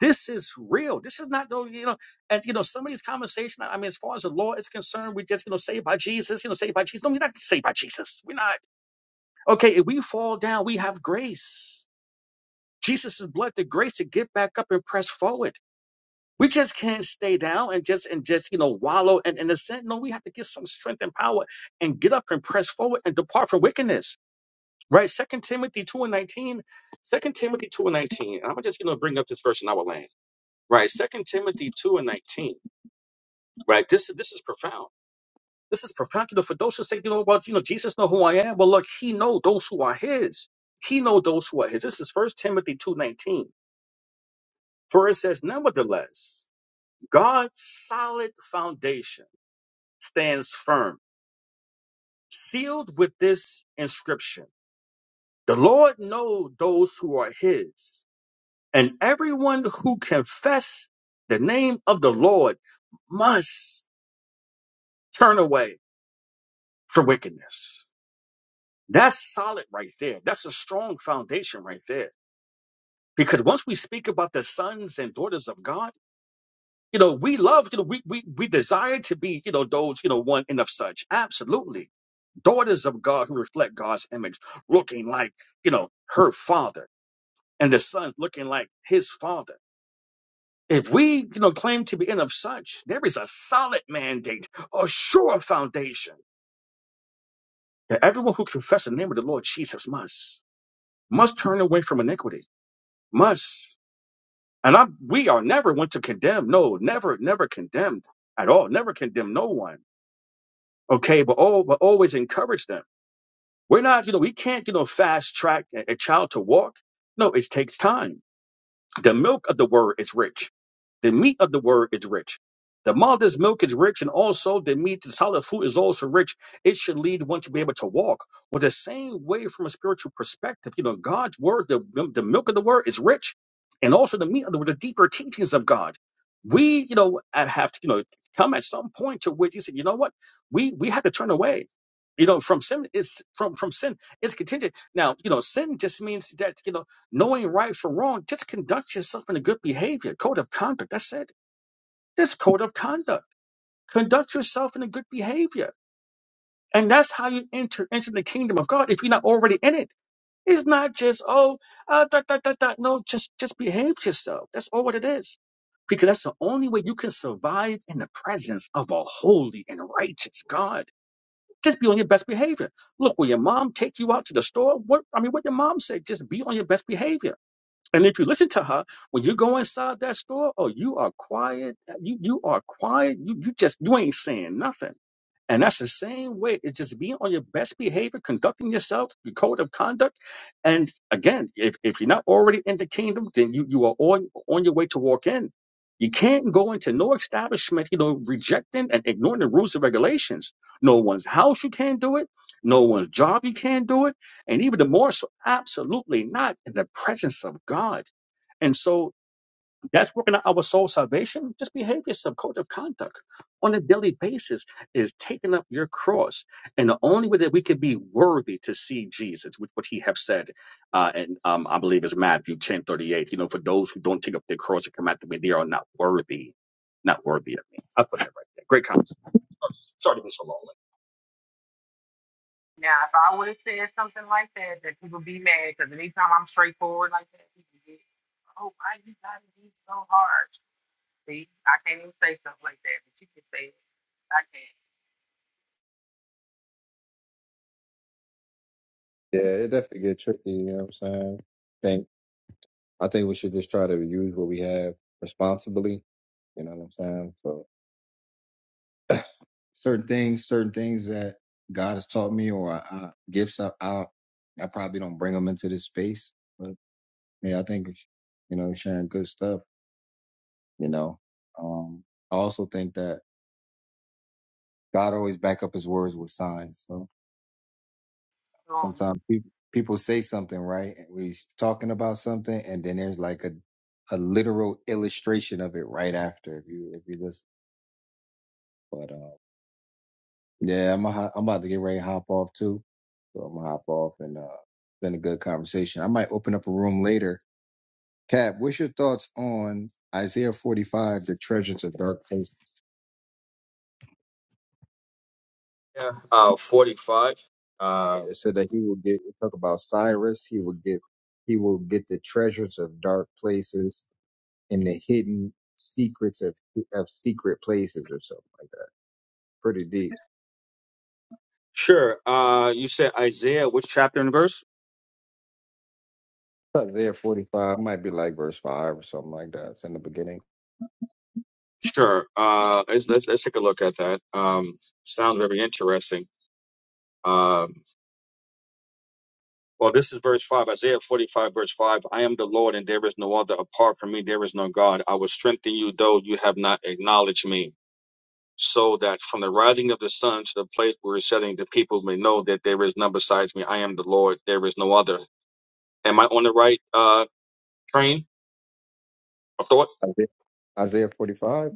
This is real. This is not no, you know, and you know, some of these conversations. I mean, as far as the law is concerned, we just, you know, saved by Jesus, you know, saved by Jesus. No, we're not saved by Jesus. We're not. Okay, if we fall down, we have grace. Jesus' blood, the grace to get back up and press forward. We just can't stay down and just and just you know wallow and in the sin. No, we have to get some strength and power and get up and press forward and depart from wickedness. Right? Second Timothy two and 19. Second Timothy two and nineteen. And I'm gonna just you know bring up this verse in our land. Right? Second Timothy two and nineteen. Right? This is this is profound. This is profound. You know, for those who say, you know, well, you know, Jesus know who I am. Well, look, he know those who are his. He know those who are his. This is first Timothy two nineteen. For it says, nevertheless, God's solid foundation. stands firm, sealed with this inscription The Lord knows those who are his, and everyone who confess the name of the Lord must turn away from wickedness. That's solid right there. That's a strong foundation right there. Because once we speak about the sons and daughters of God, You know, we love, you know, we, we, we desire to be, you know, those, you know, one and of such. Absolutely. Daughters of God who reflect God's image, looking like, you know, her father and the son looking like his father. If we, you know, claim to be in of such, there is a solid mandate, a sure foundation that everyone who confesses the name of the Lord Jesus must, must turn away from iniquity, must. And I, we are never one to condemn. No, never, never condemned at all. Never condemn no one okay, but all but always encourage them. We're not, you know, we can't, you know, fast track a, a child to walk. No, it takes time. The milk of the word is rich. The meat of the word is rich. The mother's milk is rich, and also the meat, the solid food is also rich. It should lead one to be able to walk. Well, the same way from a spiritual perspective, you know, God's word, the, the milk of the word is rich, and also the meat of the word, the deeper teachings of God. We, you know, have to, you know, come at some point to which you say, you know what, we we had to turn away. You know, from sin is from from sin It's contingent. Now, you know, sin just means that you know knowing right from wrong, just conduct yourself in a good behavior. Code of conduct. That's it. This code of conduct. Conduct yourself in a good behavior. And that's how you enter into the kingdom of God if you're not already in it. It's not just, oh, uh, da, da, da, da. no, just, just behave yourself. That's all what it is. Because that's the only way you can survive in the presence of a holy and righteous God. Just be on your best behavior. Look, will your mom take you out to the store? What I mean, what your mom said, just be on your best behavior and if you listen to her, when you go inside that store, oh, you are quiet. You you are quiet. You you just you ain't saying nothing. And that's the same way. It's just being on your best behavior, conducting yourself, your code of conduct. And again, if, if you're not already in the kingdom, then you, you are on, on your way to walk in. You can't go into no establishment, you know, rejecting and ignoring the rules and regulations. No one's house you can't do it. No one's job you can't do it. And even the more so, absolutely not in the presence of God. And so that's working on our soul salvation. Just behave yourself. Code of conduct on a daily basis is taking up your cross. And the only way that we can be worthy to see Jesus, which what he have said, uh, and um, I believe is Matthew ten thirty eight. You know, for those who don't take up their cross and come after me, they are not worthy, not worthy of me. I put that right there. Great comments. Oh, Sorry to be so long. Now, if I would have said something like that, that people be mad because anytime I'm straightforward like that, people get, oh, why you gotta be so harsh? See, I can't even say stuff like that, but you can say it. I Yeah, it definitely get tricky, you know what I'm saying? I think I think we should just try to use what we have responsibly, you know what I'm saying? So certain things, certain things that God has taught me or I, I, gifts I, I I probably don't bring them into this space. But yeah, I think you know sharing good stuff. You know, um, I also think that God always back up His words with signs. So can't. sometimes people people say something right, and we are talking about something, and then there's like a a literal illustration of it right after. If you if you listen, but, um, Yeah, I'm i am i am about to get ready to hop off too. So I'm gonna hop off and uh it's been a good conversation. I might open up a room later. Cap, what's your thoughts on Isaiah 45, the treasures of dark places? Yeah, uh, 45. Uh, It said that he will get it talk about Cyrus, he will get he will get the treasures of dark places and the hidden secrets of of secret places or something like that. Pretty deep. sure. Uh, you said Isaiah, which chapter and verse? Isaiah 45 might be like verse 5 or something like that. It's in the beginning. Sure. Uh, let's, let's let's take a look at that. Um, sounds very interesting. Um, well, this is verse five, Isaiah forty-five, verse five. I am the Lord, and there is no other. Apart from me, there is no God. I will strengthen you, though you have not acknowledged me, so that from the rising of the sun to the place where it's setting, the people may know that there is none besides me. I am the Lord; there is no other. Am I on the right uh, train of thought? Isaiah, Isaiah 45.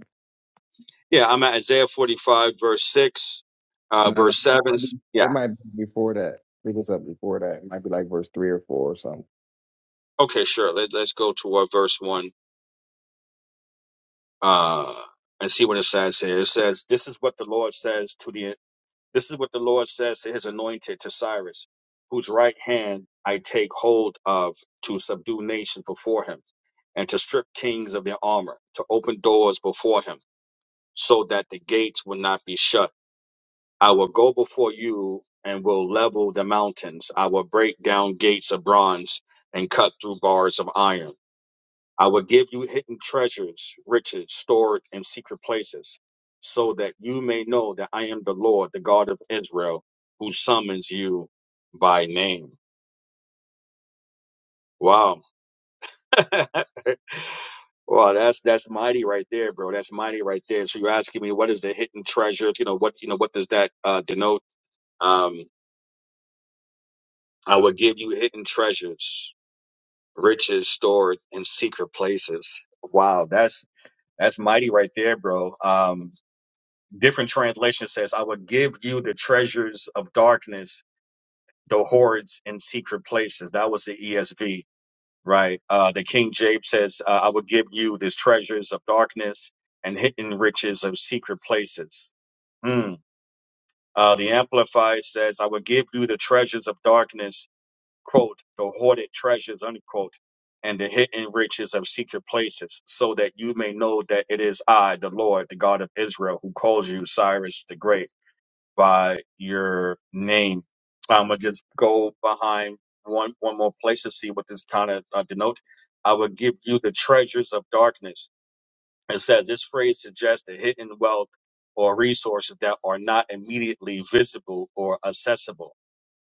Yeah, I'm at Isaiah forty-five, verse six, uh, No, no. verse seven. Yeah. It might be before that. I think it's up before that. It might be like verse three or four or something. Okay, sure. Let's let's go to uh, verse one. uh, and see what it says here. It says, "This is what the Lord says to the this is what the Lord says to His anointed to Cyrus, whose right hand I take hold of to subdue nations before him, and to strip kings of their armor, to open doors before him, so that the gates will not be shut. I will go before you and will level the mountains. I will break down gates of bronze." And cut through bars of iron. I will give you hidden treasures, riches stored in secret places, so that you may know that I am the Lord, the God of Israel, who summons you by name. Wow. Wow, that's that's mighty right there, bro. That's mighty right there. So you're asking me what is the hidden treasure? You know, what you know, what does that uh denote? Um, I will give you hidden treasures, riches stored in secret places. Wow, that's that's mighty right there, bro. Um different translation says, I will give you the treasures of darkness, the hoards in secret places. That was the ESV, right? Uh, the King James says, uh, I will give you the treasures of darkness and hidden riches of secret places. Mm. Uh, the Amplified says, I will give you the treasures of darkness, quote, the hoarded treasures, unquote, and the hidden riches of secret places, so that you may know that it is I, the Lord, the God of Israel, who calls you Cyrus the Great by your name. I'm gonna just go behind one one more place to see what this kind of uh, denote. I will give you the treasures of darkness. It says this phrase suggests the hidden wealth or resources that are not immediately visible or accessible.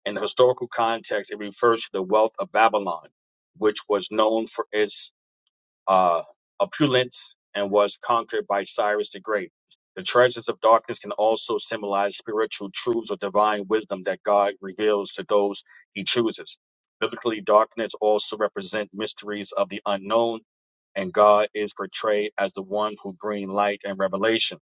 In the historical context, it refers to the wealth of Babylon, which was known for its uh, opulence and was conquered by Cyrus the Great. The treasures of darkness can also symbolize spiritual truths or divine wisdom that God reveals to those he chooses. Biblically, darkness also represents mysteries of the unknown, and God is portrayed as the one who brings light and revelation.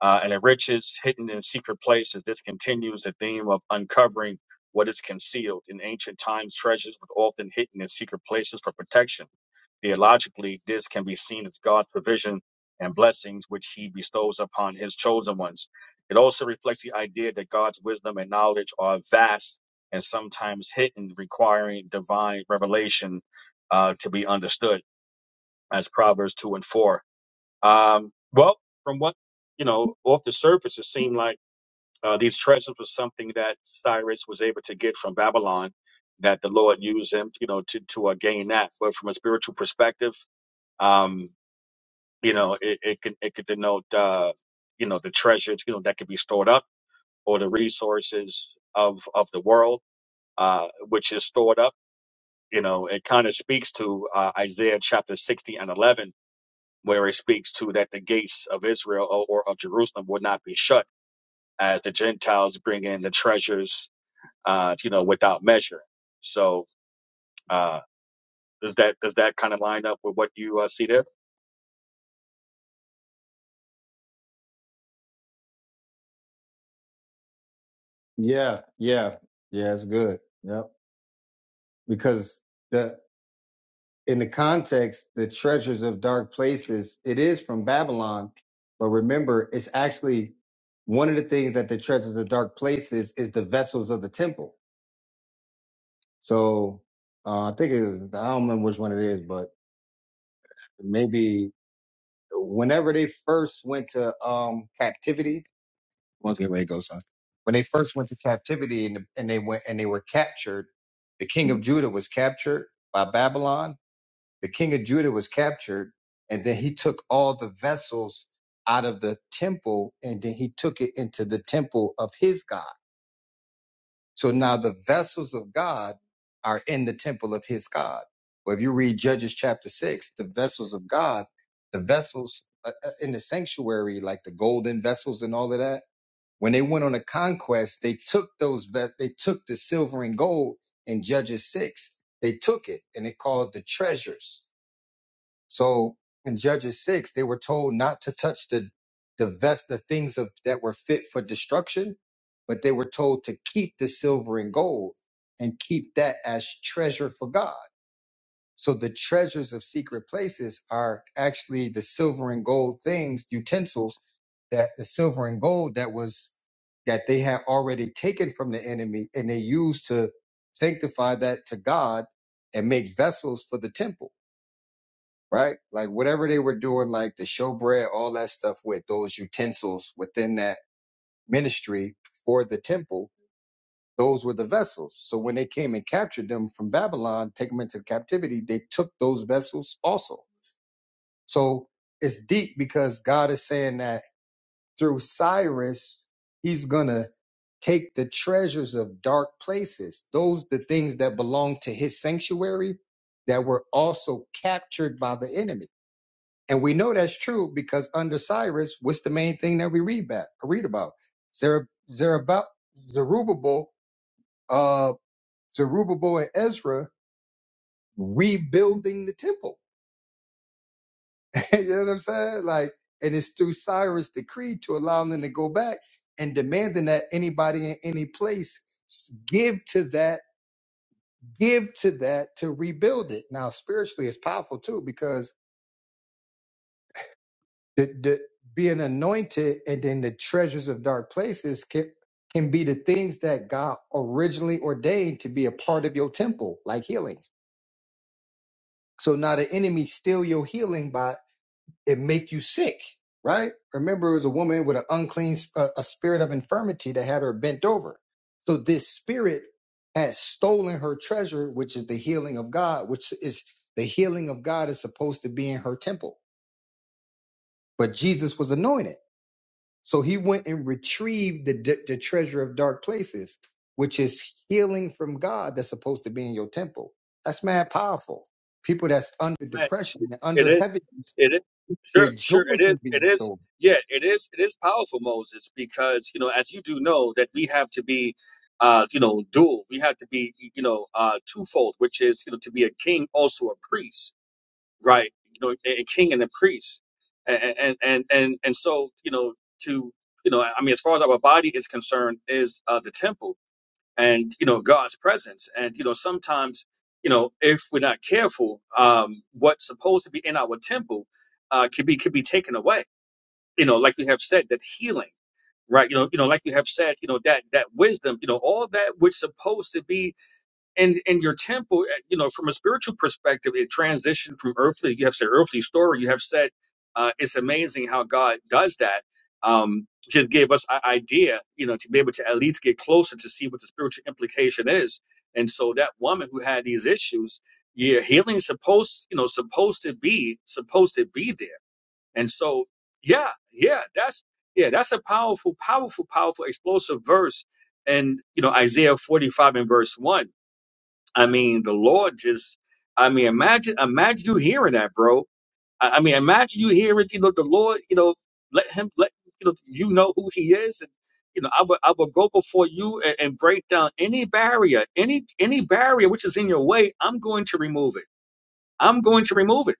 Uh, and it riches hidden in secret places. This continues the theme of uncovering what is concealed. In ancient times, treasures were often hidden in secret places for protection Theologically, this can be seen as God's provision and blessings which he bestows upon his chosen ones. It also reflects the idea that God's wisdom and knowledge are vast and sometimes hidden, requiring divine revelation uh, to be understood, as Proverbs 2 and 4. Um, well, from what, you know, off the surface, it seemed like uh, these treasures was something that Cyrus was able to get from Babylon, that the Lord used him, you know, to, to uh, gain that. But from a spiritual perspective, um, you know, it, it could it could denote uh, you know the treasures you know that could be stored up or the resources of of the world uh, which is stored up. You know, it kind of speaks to uh, Isaiah chapter sixty and eleven where it speaks to that the gates of Israel or, or of Jerusalem would not be shut as the Gentiles bring in the treasures uh, you know without measure. So uh, does that does that kind of line up with what you uh, see there? Yeah, yeah, yeah. It's good. Yep. Because the in the context, the treasures of dark places, it is from Babylon, but remember, it's actually one of the things that the treasures of dark places is the vessels of the temple. So uh, I think it was, I don't remember which one it is, but maybe whenever they first went to um, captivity, Once again, way it goes on. When they first went to captivity and, and they went and they were captured, the king of Judah was captured by Babylon. The king of Judah was captured, and then he took all the vessels out of the temple, and then he took it into the temple of his God. So now the vessels of God are in the temple of his God. Well, if you read Judges chapter six, the vessels of God, the vessels uh, uh, in the sanctuary, like the golden vessels and all of that when they went on a conquest, they took those ve- they took the silver and gold in Judges six. They took it and they called it the treasures. So in Judges six, they were told not to touch the the vest, the things of that were fit for destruction, but they were told to keep the silver and gold and keep that as treasure for God. So the treasures of secret places are actually the silver and gold things, utensils that the silver and gold that was that they had already taken from the enemy and they used to sanctify that to God and make vessels for the temple, right? Like whatever they were doing, like the showbread, all that stuff with those utensils within that ministry for the temple, those were the vessels. So when they came and captured them from Babylon, take them into captivity, they took those vessels also. So it's deep because God is saying that through Cyrus, he's going to take the treasures of dark places, those the things that belong to his sanctuary that were also captured by the enemy. And we know that's true because under Cyrus, what's the main thing that we read about? Read about Zer- Zerubbabel, Zerubbabel, uh, Zerubbabel and Ezra rebuilding the temple. you know what I'm saying? Like, and it's through Cyrus' decree to allow them to go back and demanding that anybody in any place s- give to that, give to that to rebuild it. Now, spiritually, it's powerful too because the, the being anointed and then the treasures of dark places can can be the things that God originally ordained to be a part of your temple, like healing. So now the enemy steal your healing by it make you sick, right? Remember, it was a woman with an unclean, sp- a, spirit of infirmity that had her bent over. So this spirit has stolen her treasure, which is the healing of God, which is the healing of God is supposed to be in her temple. But Jesus was anointed. So he went and retrieved the, d- the treasure of dark places, which is healing from God that's supposed to be in your temple. That's mad powerful. People that's under Amen. depression and It under is. heaviness, It is their sure, sure. It joy is. can be It is. restored Yeah, it is. It is powerful, Moses, because you know, as you do know, that we have to be, uh, you know, dual. We have to be, you know, uh, twofold, which is you know, to be a king, also a priest, right? You know, a, a king and a priest, and and and and, and so you know, to you know, I mean, as far as our body is concerned, is uh, the temple and you know God's presence. And you know sometimes you know if we're not careful, um, what's supposed to be in our temple uh, can be could be taken away. You know, like we have said, that healing, right? You know, you know, like you have said, you know that that wisdom, you know, all that which supposed to be and and your temple eh, you know from a spiritual perspective it transitioned from earthly you have said earthly story you have said uh, it's amazing how god does that um just gave us an idea you know to be able to at least get closer to see what the spiritual implication is and so that woman who had these issues yeah healing supposed you know supposed to be supposed to be there and so yeah yeah that's yeah that's a powerful powerful powerful explosive verse and you know isaiah 45 and verse 1 I mean, the Lord just, I mean, imagine, imagine you hearing that, bro. I, I mean, imagine you hearing, you know, the Lord, you know, let him, let, you know, you know who he is. And, you know, I will, I will go before you and, and break down any barrier, any, any barrier which is in your way. I'm going to remove it. I'm going to remove it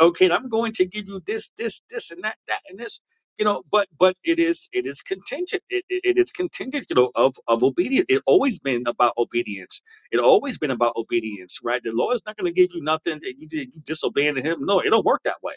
okay, and I'm going to give you this, this, this, and that, that, and this. You know, but but it is it is contingent. It, it, it is contingent, you know, of of obedience. It always been about obedience. It always been about obedience, right? The Lord's not going to give you nothing that you did you disobeying Him. No, it don't work that way.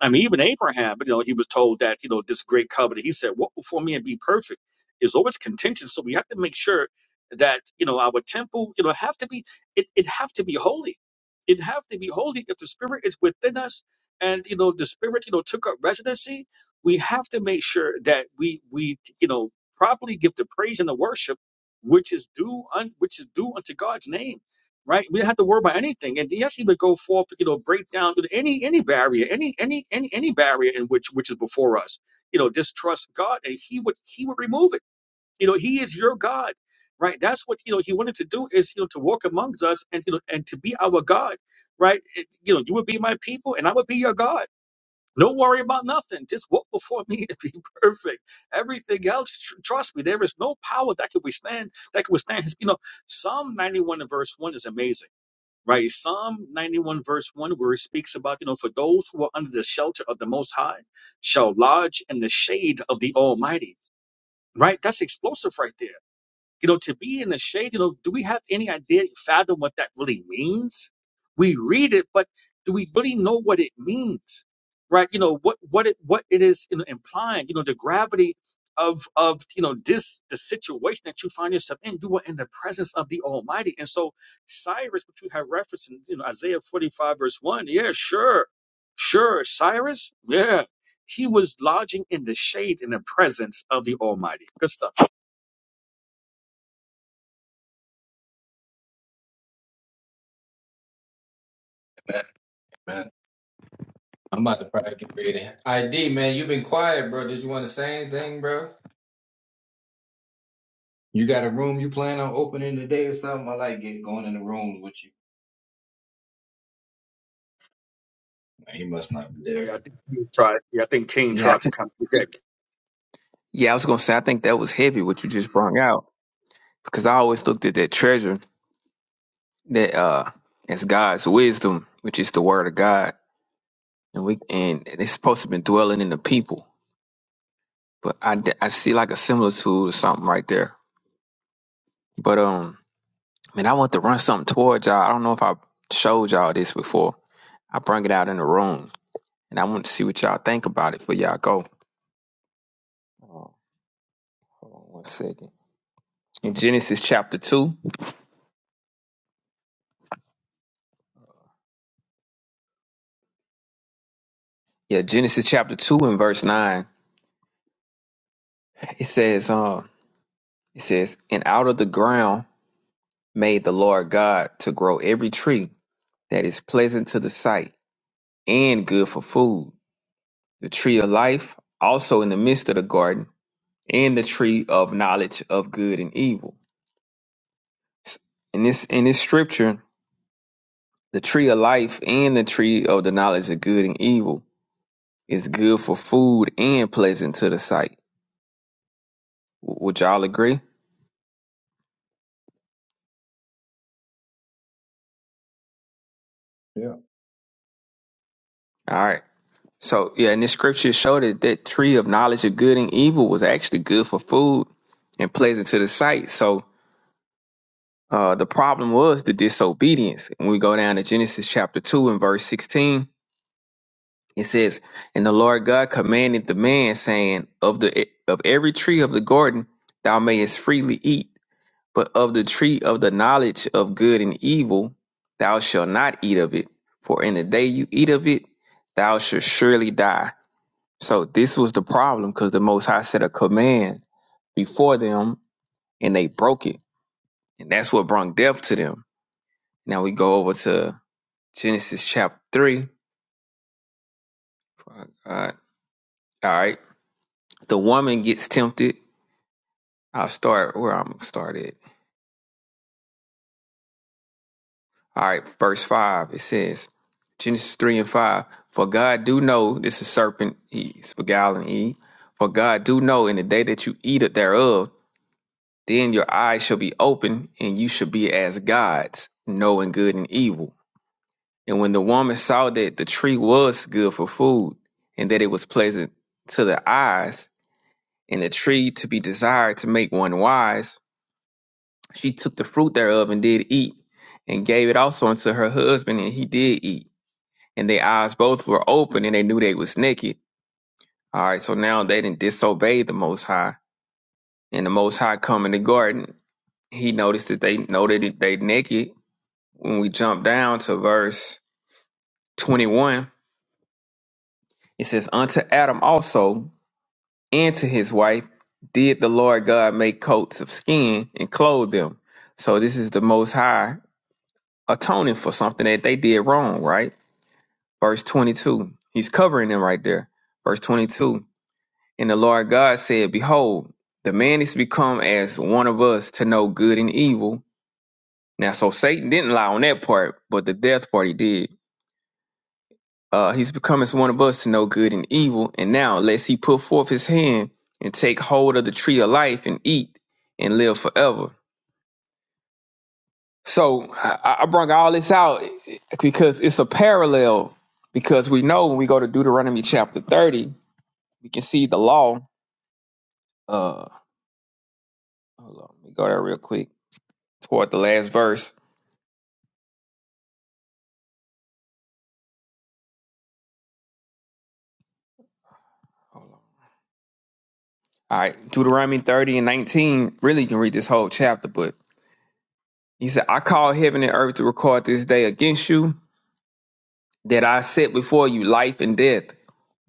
I mean, even Abraham, you know, he was told that you know this great covenant. He said, "Walk before me and be perfect." It's always contingent, so we have to make sure that you know our temple, you know, have to be it it have to be holy. It have to be holy if the Spirit is within us and you know the spirit you know took up residency we have to make sure that we we you know properly give the praise and the worship which is due un, which is due unto god's name right we don't have to worry about anything and yes he would go forth to you know break down any any barrier any any any any barrier in which which is before us you know distrust god and he would he would remove it you know, He is your God, right? That's what you know He wanted to do is you know to walk amongst us and you know and to be our God, right? It- you know, you would be my people, and I would be your God. Don't worry about nothing. Just walk before me and be perfect. Everything else, tr- trust me, there is no power that can withstand that can withstand His. You know, Psalm 91 and verse one is amazing. Right, Psalm 91 verse 1, where it speaks about, you know, for those who are under the shelter of the Most High shall lodge in the shade of the Almighty right? That's explosive right there you know, to be in the shade, you know, do we have any idea, fathom what that really means? We read it, but do we really know what it means? Right? You know, what what it what it is you know, implying, you know, the gravity of of you know this the situation that you find yourself in, you are in the presence of the Almighty. And so Cyrus, which we have referenced in you know Isaiah 45, verse 1, yeah, sure. Sure, Cyrus, yeah. He was lodging in the shade in the presence of the Almighty. Good stuff. man. I'm about to probably get ready. ID, man, you been quiet, bro. Did you want to say anything, bro? You got a room you plan on opening today or something? I like get going in the rooms with you. Man, he must not be Yeah, I there. think King tried. Yeah, I think King Yeah, tried to kind of protect. yeah, I was gonna say I think that was heavy what you just brought out because I always looked at that treasure that uh as God's wisdom, which is the word of God, and we and it's supposed to be dwelling in the people. But I, d- I see like a similitude or something right there. But um, man, I want to run something towards y'all. I don't know if I showed y'all this before. I bring it out in the room, and I want to see what y'all think about it. For y'all go. Oh, hold on one second. In Genesis chapter two, yeah, Genesis chapter two and verse nine. It says, uh, it says, and out of the ground made the Lord God to grow every tree that is pleasant to the sight and good for food, the tree of life also in the midst of the garden, and the tree of knowledge of good and evil. S- In this in this scripture, the tree of life and the tree of the knowledge of good and evil is good for food and pleasant to the sight. W- Would y'all agree? Yeah. All right. So yeah, and the scripture showed that that tree of knowledge of good and evil was actually good for food and pleasant to the sight. So uh, the problem was the disobedience. When we go down to Genesis chapter two and verse sixteen, it says, "And the Lord God commanded the man, saying, Of the of every tree of the garden thou mayest freely eat, but of the tree of the knowledge of good and evil thou shalt not eat of it, for in the day you eat of it thou shalt surely die." So this was the problem because the Most High set a command before them and they broke it. And that's what brought death to them. Now we go over to Genesis chapter 3. Uh, all right. The woman gets tempted. I'll start where I'm started. All right. Verse 5. It says, Genesis 3 and 5. For God do know, this is serpent, he's beguiling Eve. For God do know in the day that you eat it thereof, Then your eyes shall be open, and you shall be as gods, knowing good and evil. And when the woman saw that the tree was good for food, and that it was pleasant to the eyes, and the tree to be desired to make one wise, she took the fruit thereof and did eat, and gave it also unto her husband, and he did eat. And their eyes both were open, and they knew they was naked. All right, so now they didn't disobey the Most High, and the Most High come in the garden. He noticed that they know that they naked, when we jump down to verse 21, it says, Unto Adam also and to his wife did the Lord God make coats of skin and clothe them. So this is the Most High atoning for something that they did wrong, right? Verse 22, he's covering them right there. Verse 22, and the Lord God said, Behold, the man is become as one of us to know good and evil. Now, so Satan didn't lie on that part, but the death part he did. Uh, he's become as one of us to know good and evil. And now, lest he put forth his hand and take hold of the tree of life and eat and live forever. So I, I brought all this out because it's a parallel. Because we know when we go to Deuteronomy chapter 30, we can see the law. Uh, hold on, let me go there real quick toward the last verse. Hold on. All right, Deuteronomy 30 and 19. Really, you can read this whole chapter, but he said, I call heaven and earth to record this day against you that I set before you life and death,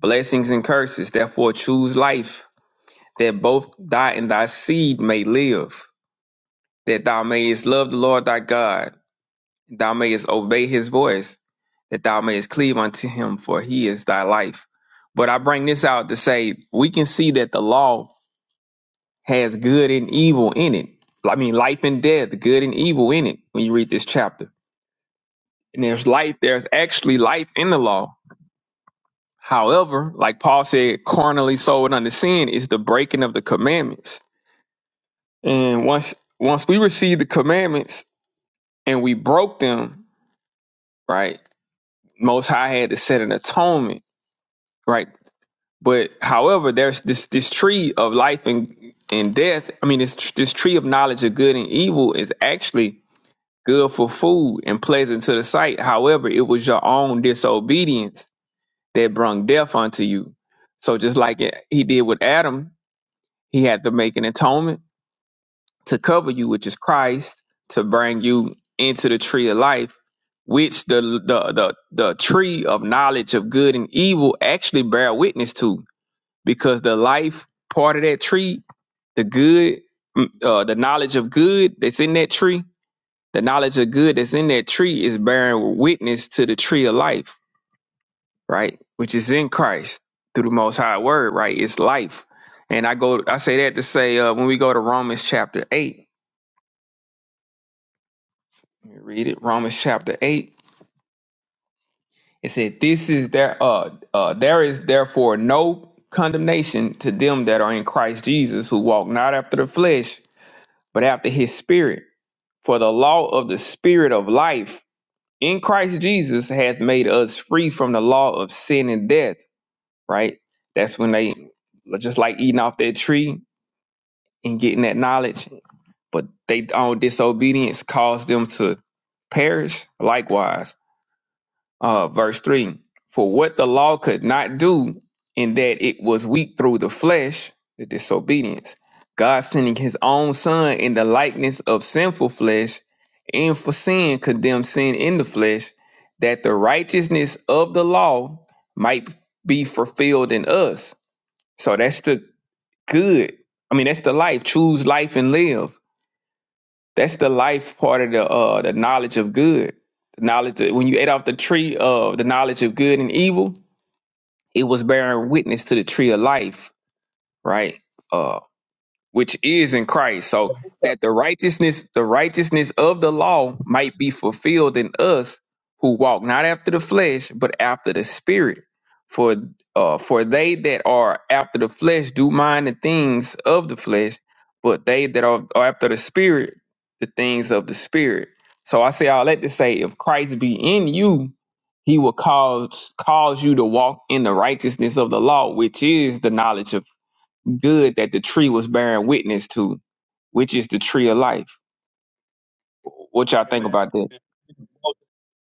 blessings and curses. Therefore, choose life, that both thou and thy seed may live, that thou mayest love the Lord thy God, thou mayest obey his voice, that thou mayest cleave unto him, for he is thy life. But I bring this out to say we can see that the law has good and evil in it. I mean, life and death, good and evil in it when you read this chapter. And there's life, there's actually life in the law However, like Paul said, carnally sold under sin is the breaking of the commandments. And once once we received the commandments and we broke them, right? Most High had to set an atonement, right? But however, there's this this tree of life and and death. I mean, this this tree of knowledge of good and evil is actually good for food and pleasant to the sight. However, it was your own disobedience that brung death unto you. So just like it, he did with Adam, He had to make an atonement to cover you, which is Christ, to bring you into the tree of life, which the the the, the tree of knowledge of good and evil actually bear witness to, because the life part of that tree, the good, mm, uh, the knowledge of good that's in that tree, the knowledge of good that's in that tree is bearing witness to the tree of life right? Which is in Christ through the Most High Word, right? It's life. And I go, I say that to say uh, when we go to Romans chapter eight, let me read it. Romans chapter eight. It said, "This is there. Uh, uh, there is therefore no condemnation to them that are in Christ Jesus, who walk not after the flesh, but after His Spirit. For the law of the Spirit of life in Christ Jesus hath made us free from the law of sin and death." Right. That's when they just like eating off that tree in getting that knowledge, but they own disobedience caused them to perish. Likewise, uh, verse three: For what the law could not do, in that it was weak through the flesh, the disobedience, God sending His own Son in the likeness of sinful flesh, and for sin condemned sin in the flesh, that the righteousness of the law might be fulfilled in us. So that's the good. I mean, that's the life. Choose life and live that's the life part of the uh the knowledge of good. The knowledge of, when you ate off the tree of the knowledge of good and evil, it was bearing witness to the tree of life, right? Uh, which is in Christ. So that the righteousness, the righteousness of the law might be fulfilled in us who walk not after the flesh, but after the spirit. For uh, for they that are after the flesh do mind the things of the flesh, but they that are, are after the spirit, the things of the spirit. So I say all that to say if Christ be in you, he will cause cause you to walk in the righteousness of the law, which is the knowledge of good that the tree was bearing witness to, which is the tree of life. What y'all Amen. think about that? Well,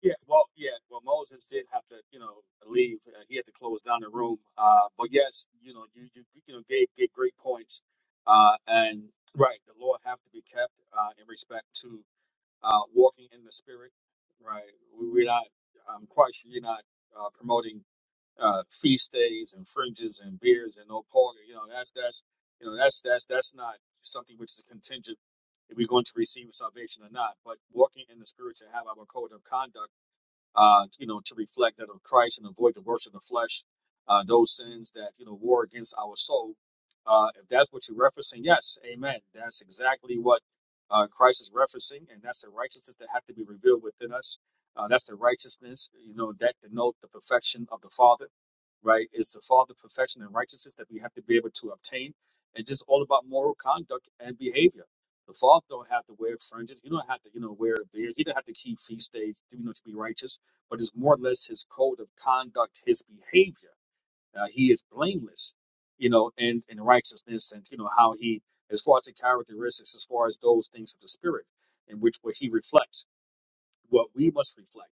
yeah, well, yeah, well, Moses did have to, you know, leave. Uh, he had to close down the room. Uh, but yes, you know, you you, you know gave, gave great points. Uh, and right, the law have to be kept uh, in respect to uh, walking. Right, We- we're not. I'm quite sure you're not what he likes. What we must reflect.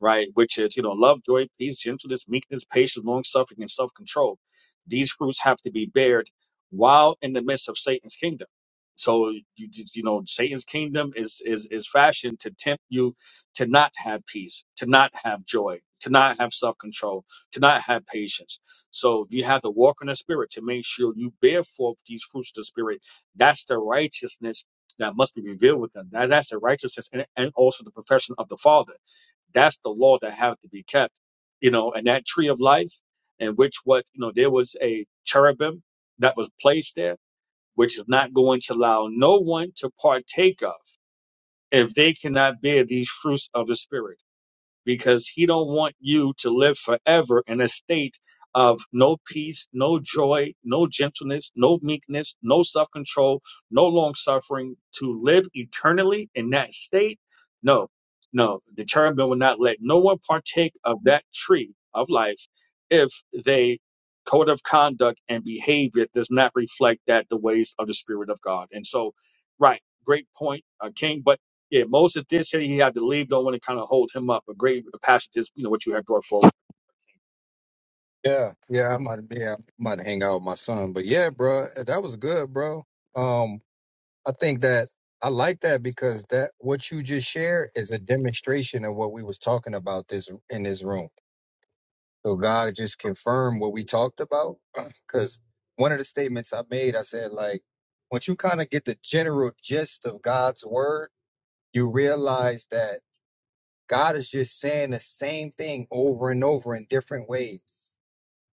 right? Which is, you know, love, joy, peace, gentleness, meekness, patience, long suffering, and self control. These fruits have to be bared while in the midst of Satan's kingdom. So you you you know, session to you to these joy, so tonight, so spirit. That's the righteousness that must be revealed with them. That, that's the righteousness and, and also the profession of the Father. That's the law that have to be kept. You know, and that tree of life, in which what you know, there was a cherubim that was placed there which is not going to allow no one to partake of if they cannot bear these fruits of the Spirit because he don't want you to live forever in a state of no peace, no joy, no gentleness, no meekness, no self-control, no long suffering to live eternally in that state. No. No, the cherubim will not let no one partake of that tree of life if they code of conduct and behavior does not reflect that the ways of the spirit of God. And so, right, great point, uh, King. But yeah, most of this here, he had to leave. Don't want to kind of hold him up. A great the passage is, you know, what you had brought forward. Yeah. Yeah. I might yeah, I might hang out with my son. But yeah, bro, that was good, bro. Um, I think that I like that because that what you just shared is a demonstration of what we was talking about this in this room. So God just confirmed what we talked about. Because one of the statements I made, I said, like, once you kind of get the general gist of God's word, you realize that God is just saying the same thing over and over in different ways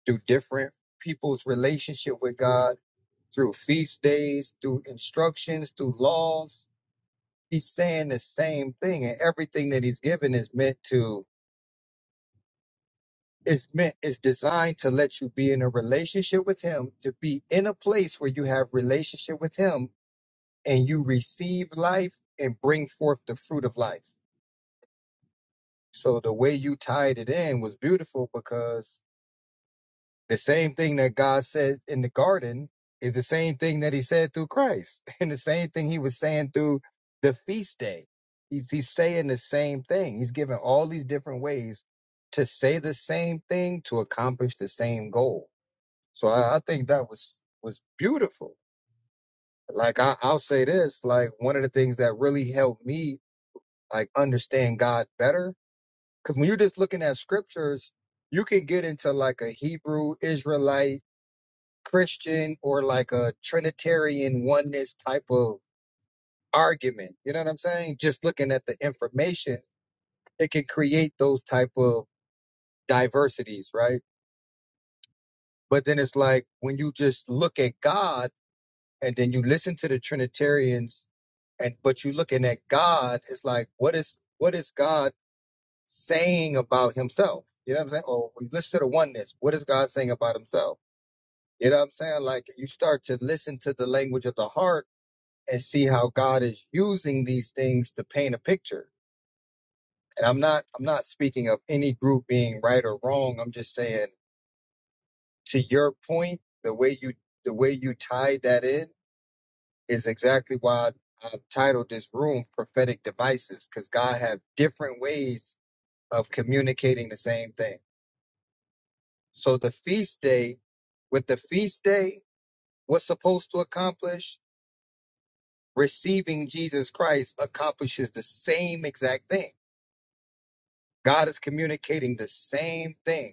through different people's relationship with God, through feast days, through instructions, through laws. He's saying the same thing, and everything that he's given is meant to is meant is designed to let you be in a relationship with him to be in a place where you have relationship with him and you receive life and bring forth the fruit of life so the way you tied it in was beautiful because the same thing that god said in the garden is the same thing that he said through christ and the same thing he was saying through the feast day he's, he's saying the same thing he's given all these different ways to say the same thing to accomplish the same goal So I, I think that was was beautiful. Like I, I'll say this, like one of the things that really helped me like understand God better, because when you're just looking at scriptures, you can get into like a Hebrew Israelite Christian or like a Trinitarian oneness type of argument. You know what I'm saying? Just looking at the information, it can create those type of diversities, right? But then it's like when you just look at God and then you listen to the Trinitarians, and but you looking at God, it's like what is what is God saying about Himself? You know what I'm saying? Or we listen to the oneness. What is God saying about Himself? You know what I'm saying? Like you start to listen to the language of the heart and see how God is using these things to paint a picture. And I'm not I'm not speaking of any group being right or wrong. I'm just saying to your point, the way you the way you tied that in is exactly why I've titled this room prophetic devices because God have different ways of communicating the same thing. So the feast day, with the feast day, what's supposed to accomplish receiving Jesus Christ accomplishes the same exact thing. God is communicating the same thing.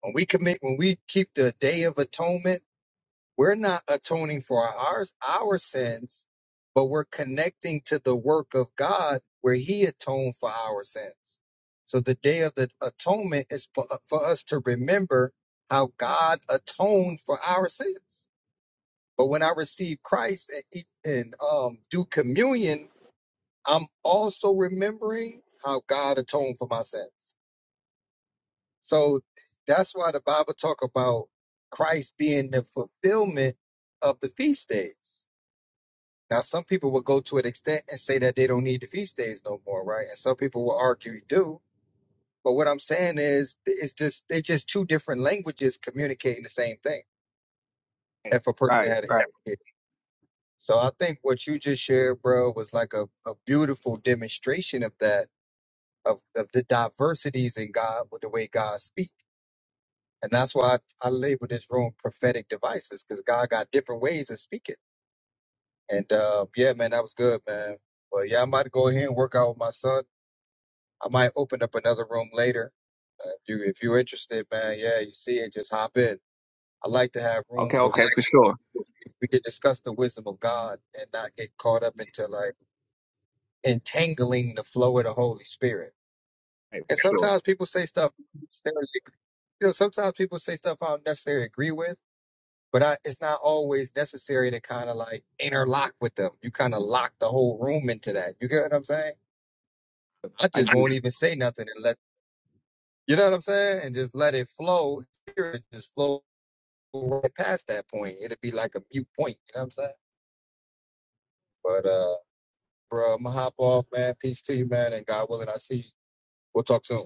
When we commit, when we keep the day of atonement, We're not atoning for ours our sins, but we're connecting to the work of God where He atoned for our sins. So the day of the atonement is for, for us to remember how God atoned for our sins. But when I receive Christ and, eat- and um, do communion, I'm also remembering how God atoned for my sins. So that's why the Bible talk about Christ being the fulfillment of the feast days. Now, some people will go to an extent and say that they don't need the feast days no more, right? And some people will argue you do. But what I'm saying is, it's just they're just two different languages communicating the same thing. If a person Right, had it, right. it- so I think what you just shared, bro, was like a, a beautiful demonstration of that, of, of the diversities in God with the way God speaks. And that's why I, I label this room prophetic devices because God got different ways of speaking. And uh, yeah, man, that was good, man. Well, yeah, I'm about to go ahead and work out with my son I might open up another room later. Uh, if you if you're interested, man, yeah, you see it, just hop in. I like to have Okay, rooms where okay, we for sure. we can discuss the wisdom of God and not get caught up into like entangling the flow of the Holy Spirit. Right, And for sure. sometimes people say stuff, you know, sometimes people say stuff I don't necessarily agree with, but I, it's not always necessary to kind of like interlock with them. You kind of lock the whole room into that. You get what I'm saying? I I just get won't even say nothing and let. You know what I'm saying? And just let it flow. Spirit Just flow right past that point. It'd be like a mute point. You know what I'm saying? But uh, bro, I'm gonna hop off, man. Peace to you, man. And God willing, I see you. We'll talk soon.